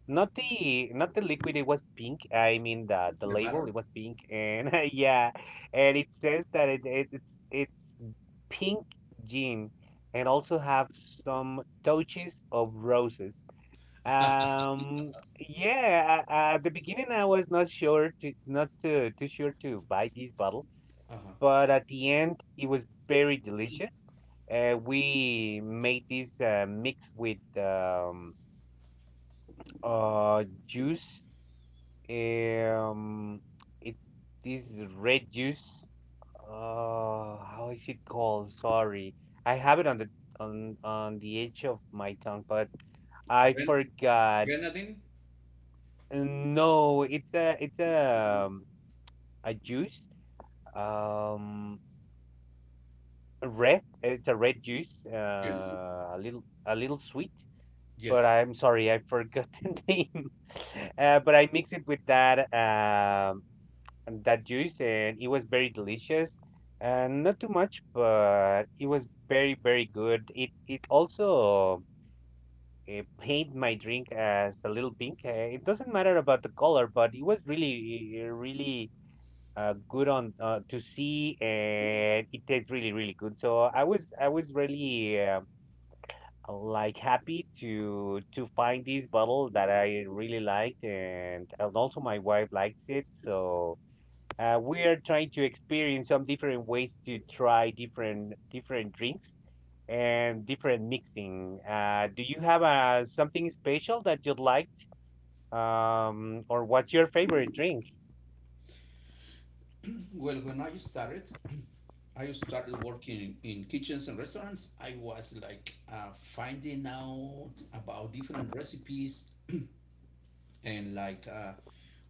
[SPEAKER 2] Not the liquid, it was pink. I mean the
[SPEAKER 1] The
[SPEAKER 2] label, it
[SPEAKER 1] batter.
[SPEAKER 2] was pink and <laughs> yeah, and it says that it's pink gin and also have some touches of roses. Yeah, at the beginning I was not sure to not to too sure to buy this bottle,
[SPEAKER 1] Uh-huh.
[SPEAKER 2] but at the end it was very delicious. We made this mix with juice, um, it's this red juice. How is it called? Sorry, I have it on the edge of my tongue, but I
[SPEAKER 1] Gren-
[SPEAKER 2] forgot.
[SPEAKER 1] Grenadine?
[SPEAKER 2] No, it's a a juice. Um, red. It's a red juice.
[SPEAKER 1] Yes.
[SPEAKER 2] A little sweet, but
[SPEAKER 1] Yes.
[SPEAKER 2] I'm sorry, I forgot <laughs> the name. But I mix it with that. And that juice, and it was very delicious, and not too much, but it was very, very good. It also paint my drink as a little pink. It doesn't matter about the color, but it was really, really good on to see, and it tastes really, really good. So I was really like happy to find this bottle that I really liked, and also my wife likes it, so. We are trying to experience some different ways to try different drinks and different mixing. Do you have something special that you like, or what's your favorite drink?
[SPEAKER 1] Well, when I started, <clears throat> I started working in kitchens and restaurants. I was like finding out about different recipes and like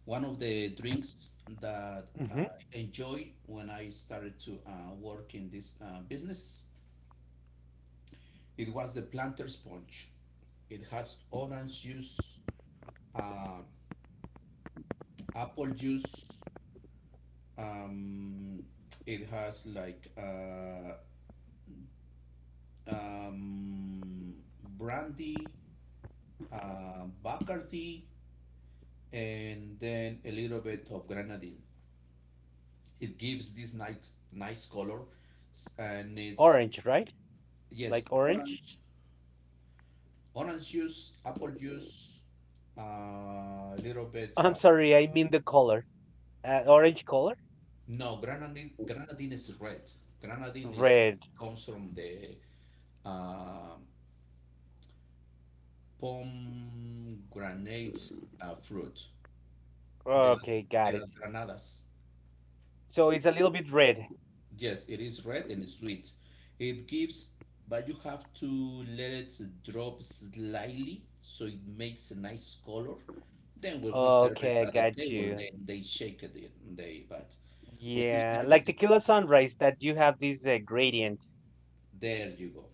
[SPEAKER 1] one of the drinks that I
[SPEAKER 2] Hmm.
[SPEAKER 1] enjoyed when I started to work in this business. It was the planter sponge. It has orange juice, uh, apple juice, Um, it has like um, brandy, Bacardi, and then a little bit of grenadine. It gives this nice nice color, and it's
[SPEAKER 2] Orange, right?
[SPEAKER 1] yes
[SPEAKER 2] Like orange?
[SPEAKER 1] orange, orange juice, apple juice, a little
[SPEAKER 2] <laughs>
[SPEAKER 1] bit.
[SPEAKER 2] I'm sorry, I mean the color. Orange color?
[SPEAKER 1] No, grenadine is red. Grenadine is
[SPEAKER 2] Red.
[SPEAKER 1] comes from the um pomegranate fruit. De las,
[SPEAKER 2] Okay,
[SPEAKER 1] de
[SPEAKER 2] got it.
[SPEAKER 1] las granadas.
[SPEAKER 2] So it's a little bit red.
[SPEAKER 1] Yes, it is red and sweet. It gives, but you have to let it drop slightly so it makes a nice color. Then when we serve it
[SPEAKER 2] Okay, I
[SPEAKER 1] at the
[SPEAKER 2] got
[SPEAKER 1] table,
[SPEAKER 2] you.
[SPEAKER 1] then they shake it. They but when you
[SPEAKER 2] Yeah,
[SPEAKER 1] serve
[SPEAKER 2] like
[SPEAKER 1] it,
[SPEAKER 2] tequila sunrise that you have this gradient.
[SPEAKER 1] there you go,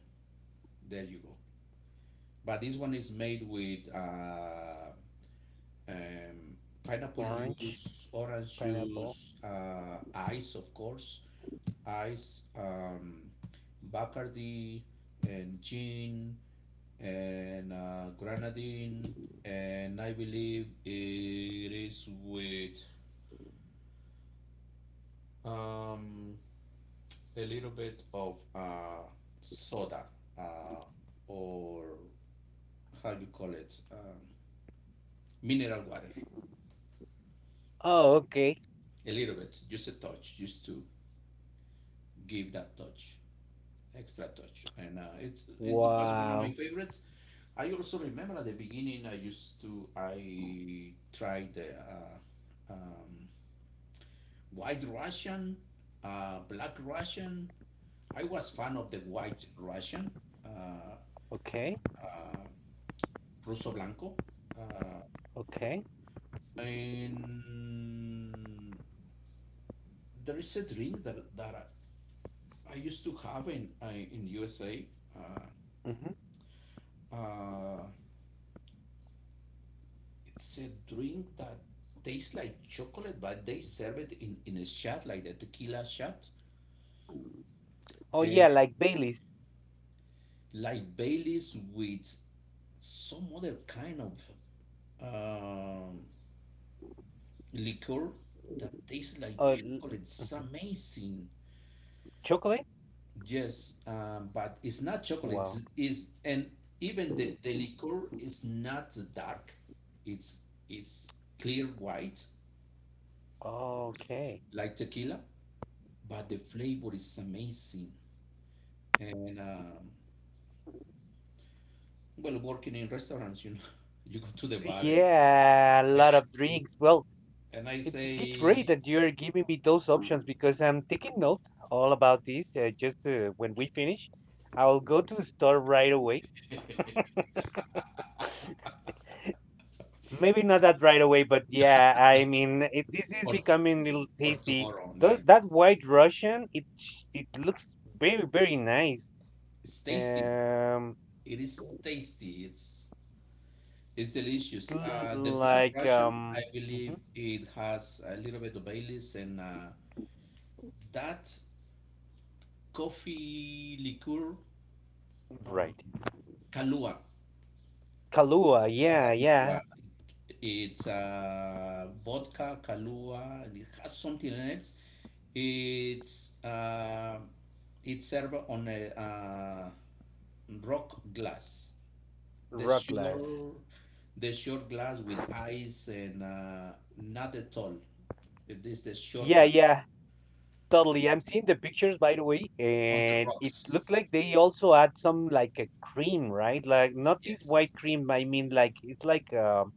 [SPEAKER 1] there you go. But this one is made with um, pineapple
[SPEAKER 2] Orange,
[SPEAKER 1] juice, orange
[SPEAKER 2] pineapple.
[SPEAKER 1] juice, ice, of course, ice, Bacardi, and gin, and grenadine, and I believe it is with um, a little bit of soda uh, or how you call it, mineral water.
[SPEAKER 2] Oh, okay.
[SPEAKER 1] A little bit, just a touch, just to give that touch. Extra touch, and it it was one of my
[SPEAKER 2] Wow.
[SPEAKER 1] favorites. I also remember at the beginning I used to I tried the um, White Russian, Black Russian. I was fan of the White Russian, uh,
[SPEAKER 2] Okay.
[SPEAKER 1] uh, Russo Blanco, uh,
[SPEAKER 2] Okay.
[SPEAKER 1] and there is a drink that I used to have in USA. Uh,
[SPEAKER 2] Hmm.
[SPEAKER 1] uh, it's a drink that tastes like chocolate, but they serve it in a shot, like the tequila shot,
[SPEAKER 2] Oh,
[SPEAKER 1] and
[SPEAKER 2] yeah, like Baileys.
[SPEAKER 1] like Baileys with some other kind of um, liquor that tastes like
[SPEAKER 2] Oh, l-
[SPEAKER 1] chocolate. It's
[SPEAKER 2] mhm.
[SPEAKER 1] amazing.
[SPEAKER 2] Chocolate?
[SPEAKER 1] Yes, but it's not chocolate.
[SPEAKER 2] Wow.
[SPEAKER 1] It's and even the liquor is not dark. It's it's clear white
[SPEAKER 2] Okay.
[SPEAKER 1] like tequila, but the flavor is amazing. And well, working in restaurants, you know, <laughs> you go to the bar and
[SPEAKER 2] Yeah, a lot of
[SPEAKER 1] and,
[SPEAKER 2] drinks. Well,
[SPEAKER 1] and I
[SPEAKER 2] it's great
[SPEAKER 1] say
[SPEAKER 2] that you're giving me those options because I'm taking note all about this. Just When we finish, I'll go to the store right away,
[SPEAKER 1] <laughs>
[SPEAKER 2] maybe not that right away, but yeah, this is
[SPEAKER 1] for
[SPEAKER 2] becoming a little tasty.
[SPEAKER 1] tomorrow night,
[SPEAKER 2] That white Russian, it looks very nice.
[SPEAKER 1] it's tasty.
[SPEAKER 2] Um,
[SPEAKER 1] It is tasty. It's delicious.
[SPEAKER 2] it's
[SPEAKER 1] The
[SPEAKER 2] l-
[SPEAKER 1] Black
[SPEAKER 2] like
[SPEAKER 1] Russian, I believe,
[SPEAKER 2] Mhm.
[SPEAKER 1] it has a little bit of Baileys and that coffee liqueur, um
[SPEAKER 2] Right.
[SPEAKER 1] Kahlua.
[SPEAKER 2] Kahlua, yeah, yeah.
[SPEAKER 1] Kahlua. It's vodka, Kahlua. It has something else. It's uh, it's served on a rock glass. The
[SPEAKER 2] Rucklas,
[SPEAKER 1] shore, the short glass with ice and not at all. It is the short
[SPEAKER 2] yeah,
[SPEAKER 1] glass
[SPEAKER 2] yeah. Totally. I'm seeing the pictures, by the way,
[SPEAKER 1] on the
[SPEAKER 2] and it
[SPEAKER 1] rocks.
[SPEAKER 2] looked like they also add some like a cream, right? Like not this white
[SPEAKER 1] Yes,
[SPEAKER 2] cream. I mean, like it's like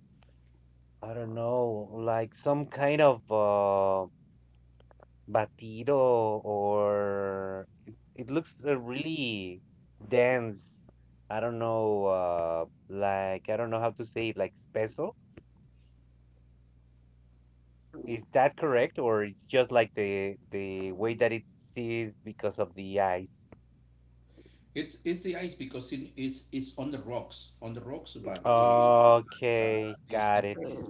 [SPEAKER 2] I don't know, like some kind of batido, it looks really dense. I don't know, like I don't know how to say it, like espeso. Is that correct, or it's just like the way that it sees because of the ice?
[SPEAKER 1] it's the ice because it is it's on the rocks, but it has
[SPEAKER 2] Okay,
[SPEAKER 1] it's
[SPEAKER 2] got it.
[SPEAKER 1] different.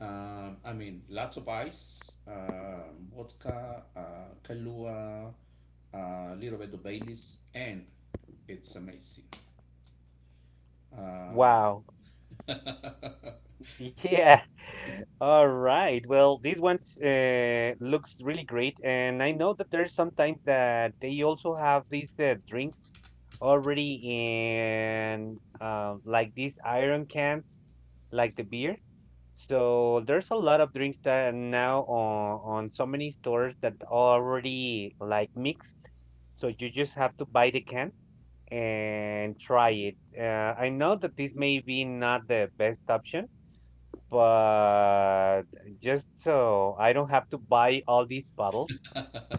[SPEAKER 1] Lots of ice, vodka, Kahlua, a little bit of Baileys, and it's amazing. Uh,
[SPEAKER 2] Wow.
[SPEAKER 1] <laughs>
[SPEAKER 2] Yeah. <laughs> All right. Well, these ones looks really great, and I know that there's sometimes that they also have these drinks already in like these iron cans, like the beer. So there's a lot of drinks that are now on so many stores that already like mixed. So you just have to buy the can and try it. I know that this may be not the best option, but just so I don't have to buy all these bottles,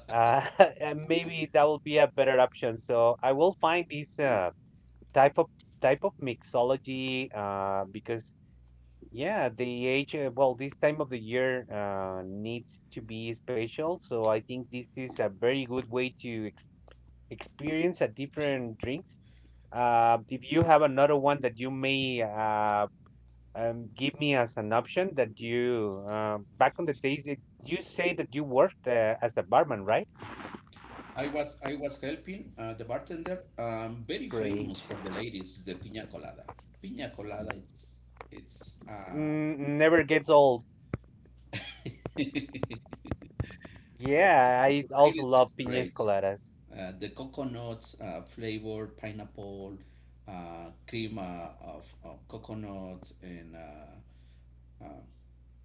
[SPEAKER 2] uh, <laughs> and maybe that will be a better option. So I will find these type of type of mixology because yeah, the age well this time of the year needs to be special. So I think this is a very good way to ex experience a different drinks. If you have another one that you may give me as an option that you back on the days you say that you worked as a barman, right?
[SPEAKER 1] I was helping the bartender. Very
[SPEAKER 2] Great.
[SPEAKER 1] famous for the ladies is the piña colada. Piña colada, it's
[SPEAKER 2] Never gets old.
[SPEAKER 1] <laughs> for la-
[SPEAKER 2] Yeah, I
[SPEAKER 1] for
[SPEAKER 2] also
[SPEAKER 1] ladies
[SPEAKER 2] love
[SPEAKER 1] it's
[SPEAKER 2] piñas
[SPEAKER 1] great.
[SPEAKER 2] coladas.
[SPEAKER 1] The coconuts flavor, pineapple, cream of coconuts, and uh,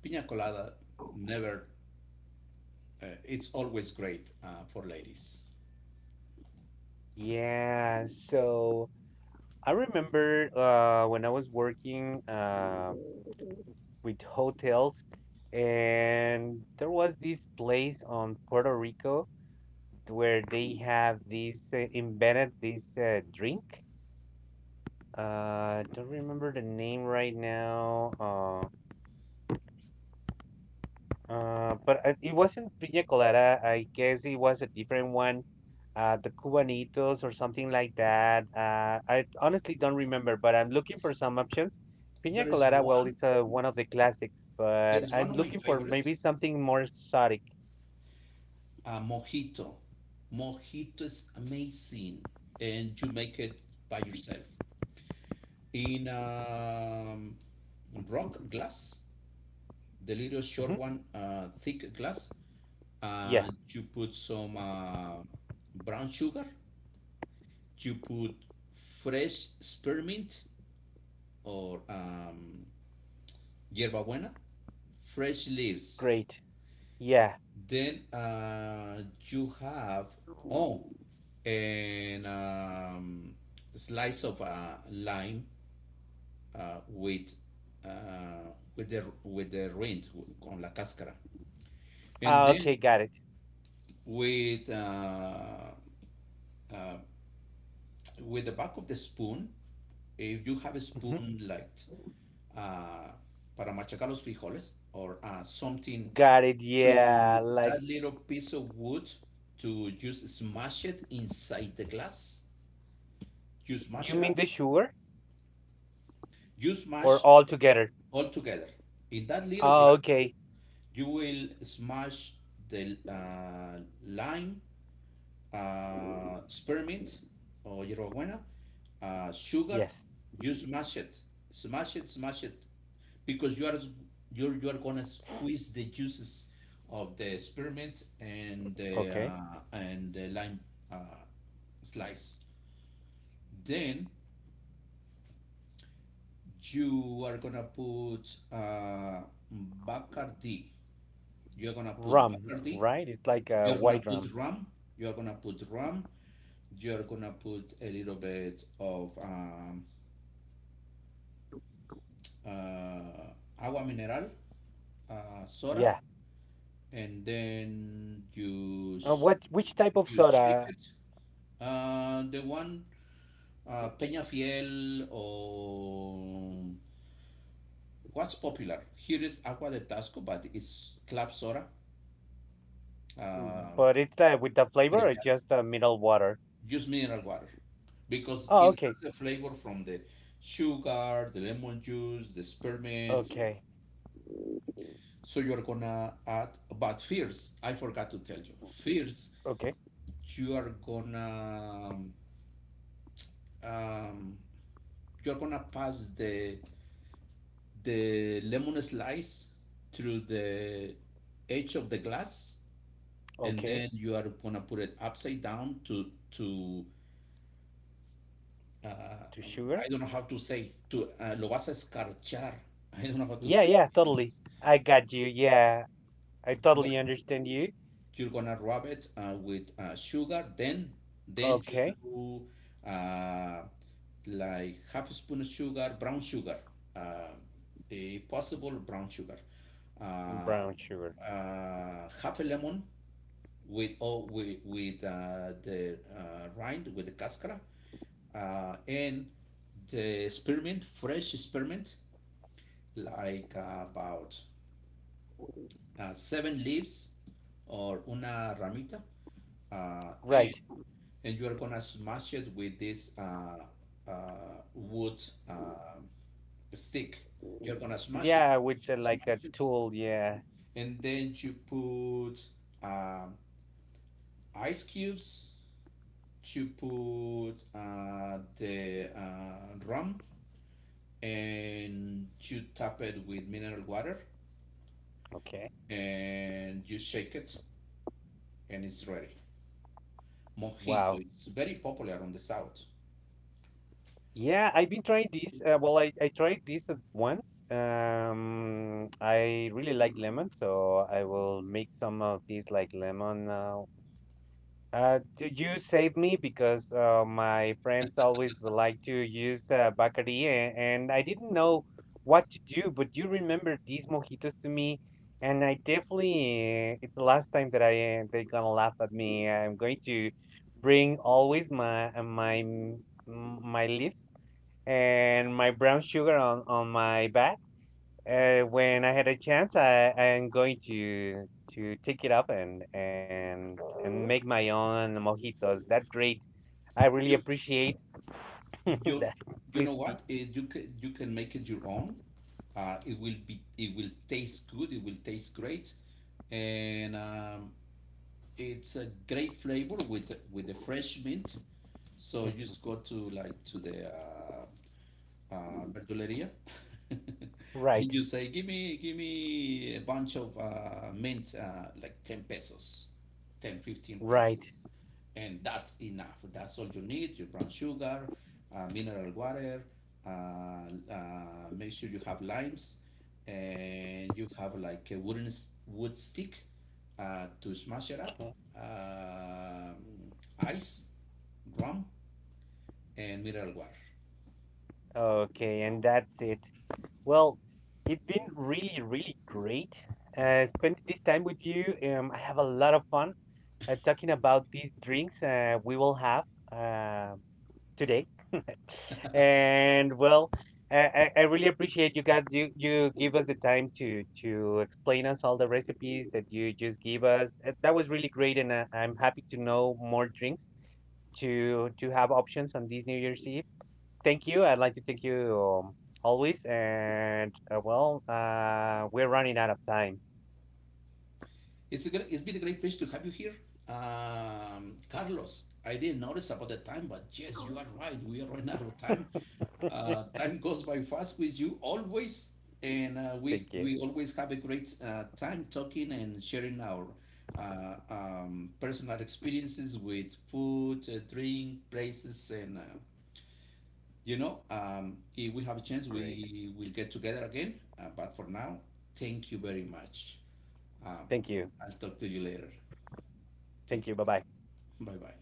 [SPEAKER 1] pina colada. Never, It's always great for ladies.
[SPEAKER 2] Yeah, so I remember when I was working with hotels, and there was this place on Puerto Rico where they have this invented this drink. Don't remember the name right now. It wasn't piña colada. I guess it was a different one. The Cubanitos or something like that. I honestly don't remember, but I'm looking for some options. Piña
[SPEAKER 1] There is
[SPEAKER 2] colada, well,
[SPEAKER 1] one.
[SPEAKER 2] it's one of the classics,
[SPEAKER 1] There
[SPEAKER 2] but
[SPEAKER 1] is one
[SPEAKER 2] I'm
[SPEAKER 1] of my
[SPEAKER 2] looking for
[SPEAKER 1] favorites,
[SPEAKER 2] maybe something more exotic.
[SPEAKER 1] mojito. Mojito is amazing, and you make it by yourself in rock glass, the little
[SPEAKER 2] Hmm.
[SPEAKER 1] short one, thick glass.
[SPEAKER 2] Yeah,
[SPEAKER 1] You put some brown sugar. You put fresh spearmint or yerba buena, fresh leaves.
[SPEAKER 2] great. Yeah.
[SPEAKER 1] Then you have oh, and slice of lime with the rind, con la cáscara, and
[SPEAKER 2] Ah,
[SPEAKER 1] then
[SPEAKER 2] okay, got it.
[SPEAKER 1] with uh, uh, with the back of the spoon. If you have a
[SPEAKER 2] Hmm.
[SPEAKER 1] spoon like uh, para machacar los frijoles or something,
[SPEAKER 2] Got it.
[SPEAKER 1] to
[SPEAKER 2] Yeah, like,
[SPEAKER 1] that little piece of wood, to just smash it inside the glass. You smash
[SPEAKER 2] you
[SPEAKER 1] it
[SPEAKER 2] mean
[SPEAKER 1] up.
[SPEAKER 2] the sugar
[SPEAKER 1] You
[SPEAKER 2] or
[SPEAKER 1] smash
[SPEAKER 2] all together?
[SPEAKER 1] all together. In that little
[SPEAKER 2] Oh,
[SPEAKER 1] glass,
[SPEAKER 2] okay.
[SPEAKER 1] you will smash the lime, spearmint or yerba buena, sugar.
[SPEAKER 2] Yes.
[SPEAKER 1] You smash it, smash it, smash it, because you are gonna squeeze the juices of the spearmint and the
[SPEAKER 2] Okay.
[SPEAKER 1] uh, and the lime uh, slice. Then you are gonna put Bacardi. You're gonna put
[SPEAKER 2] Rum,
[SPEAKER 1] Bacardi.
[SPEAKER 2] right? It's like a
[SPEAKER 1] You're gonna
[SPEAKER 2] white rum.
[SPEAKER 1] put rum. You're gonna put rum. You're gonna put a little bit of uh, agua mineral, soda,
[SPEAKER 2] Yeah.
[SPEAKER 1] and then you
[SPEAKER 2] What? Which type of
[SPEAKER 1] you shake
[SPEAKER 2] soda?
[SPEAKER 1] it. The one Peña Fiel, or what's popular here is agua de Tasco, but it's club soda.
[SPEAKER 2] Mm,
[SPEAKER 1] Uh,
[SPEAKER 2] but it's with the flavor or
[SPEAKER 1] Peña
[SPEAKER 2] just middle water?
[SPEAKER 1] Just mineral water, because
[SPEAKER 2] Oh,
[SPEAKER 1] it
[SPEAKER 2] okay.
[SPEAKER 1] has the flavor from the sugar, the lemon juice, the spearmint.
[SPEAKER 2] Okay.
[SPEAKER 1] So you're gonna add, but first, I forgot to tell you. First,
[SPEAKER 2] Okay.
[SPEAKER 1] you are gonna um, you're gonna pass the lemon slice through the edge of the glass, and
[SPEAKER 2] Okay.
[SPEAKER 1] then you are gonna put it upside down to uh,
[SPEAKER 2] To sugar?
[SPEAKER 1] I don't know how to say, to lo vas a escarchar. I don't know how to
[SPEAKER 2] Yeah,
[SPEAKER 1] say
[SPEAKER 2] yeah,
[SPEAKER 1] in
[SPEAKER 2] totally.
[SPEAKER 1] English.
[SPEAKER 2] I got you. Yeah, I
[SPEAKER 1] You are
[SPEAKER 2] totally understand you.
[SPEAKER 1] you're gonna rub it with sugar. Then you
[SPEAKER 2] Okay.
[SPEAKER 1] do like half a spoon of sugar, brown sugar, uh, a possible brown sugar, uh,
[SPEAKER 2] Brown sugar.
[SPEAKER 1] half a lemon, with all with the rind, with the cascara, and the spearmint, fresh spearmint, like about seven leaves or una ramita, and
[SPEAKER 2] Right.
[SPEAKER 1] and you are gonna smash it with this wood uh, stick. You're gonna smash it,
[SPEAKER 2] Yeah. With
[SPEAKER 1] smash it,
[SPEAKER 2] like a
[SPEAKER 1] smash it,
[SPEAKER 2] tool. Yeah.
[SPEAKER 1] and then you put um, ice cubes, you put the rum, and you tap it with mineral water,
[SPEAKER 2] Okay.
[SPEAKER 1] and you shake it, and it's ready. Mojito,
[SPEAKER 2] Wow.
[SPEAKER 1] it's very popular on the south.
[SPEAKER 2] Yeah, I've been trying this. Well, I tried this at once. I really like lemon, so I will make some of these like lemon. You save me because my friends always like to use Bacardi, and I didn't know what to do, but you remember these mojitos to me, and I definitely, it's the last time that they're gonna laugh at me. I'm going to bring always my lips and my brown sugar on my back. When I had a chance, I am going to take it up and make my own mojitos. That's great. I really
[SPEAKER 1] You
[SPEAKER 2] appreciate <laughs>
[SPEAKER 1] you
[SPEAKER 2] that
[SPEAKER 1] you know
[SPEAKER 2] crispy.
[SPEAKER 1] what? You can, you can make it your own. It will taste good. It will taste great, and it's a great flavor with the fresh mint. So you
[SPEAKER 2] Mhm.
[SPEAKER 1] just go to, like, to the verduleria. <laughs>
[SPEAKER 2] Right,
[SPEAKER 1] You say, give me a bunch of mint, like 10 pesos, 10, 15 pesos.
[SPEAKER 2] right.
[SPEAKER 1] And that's enough. That's all you need. Your brown sugar, mineral water, uh, uh, make sure you have limes, and you have like a wooden wood stick to smash it up,
[SPEAKER 2] Okay.
[SPEAKER 1] um ice, rum, and mineral water.
[SPEAKER 2] Okay, and that's it. Well, it's been really, really great spending this time with you. I have a lot of fun talking about these drinks we will have. Uh, today. <laughs> And well, I really appreciate you guys. You give us the time to explain us all the recipes that you just give us. That was really great, and I'm happy to know more drinks to have options on this New Year's Eve. Thank you. I'd like to thank you always. We're running out of time.
[SPEAKER 1] It's been a great pleasure to have you here. Carlos, I didn't notice about the time, but yes, you are right. We are running out of time. Time goes by fast with you always, and uh, we
[SPEAKER 2] Thank you.
[SPEAKER 1] we always have a great time talking and sharing our personal experiences with food, drink, places, and you know, if we have a chance,
[SPEAKER 2] Great.
[SPEAKER 1] we will get together again. But for now, thank you very much. Um,
[SPEAKER 2] Thank you.
[SPEAKER 1] I'll talk to you later. Take
[SPEAKER 2] Thank you.
[SPEAKER 1] care.
[SPEAKER 2] Bye bye.
[SPEAKER 1] Bye bye.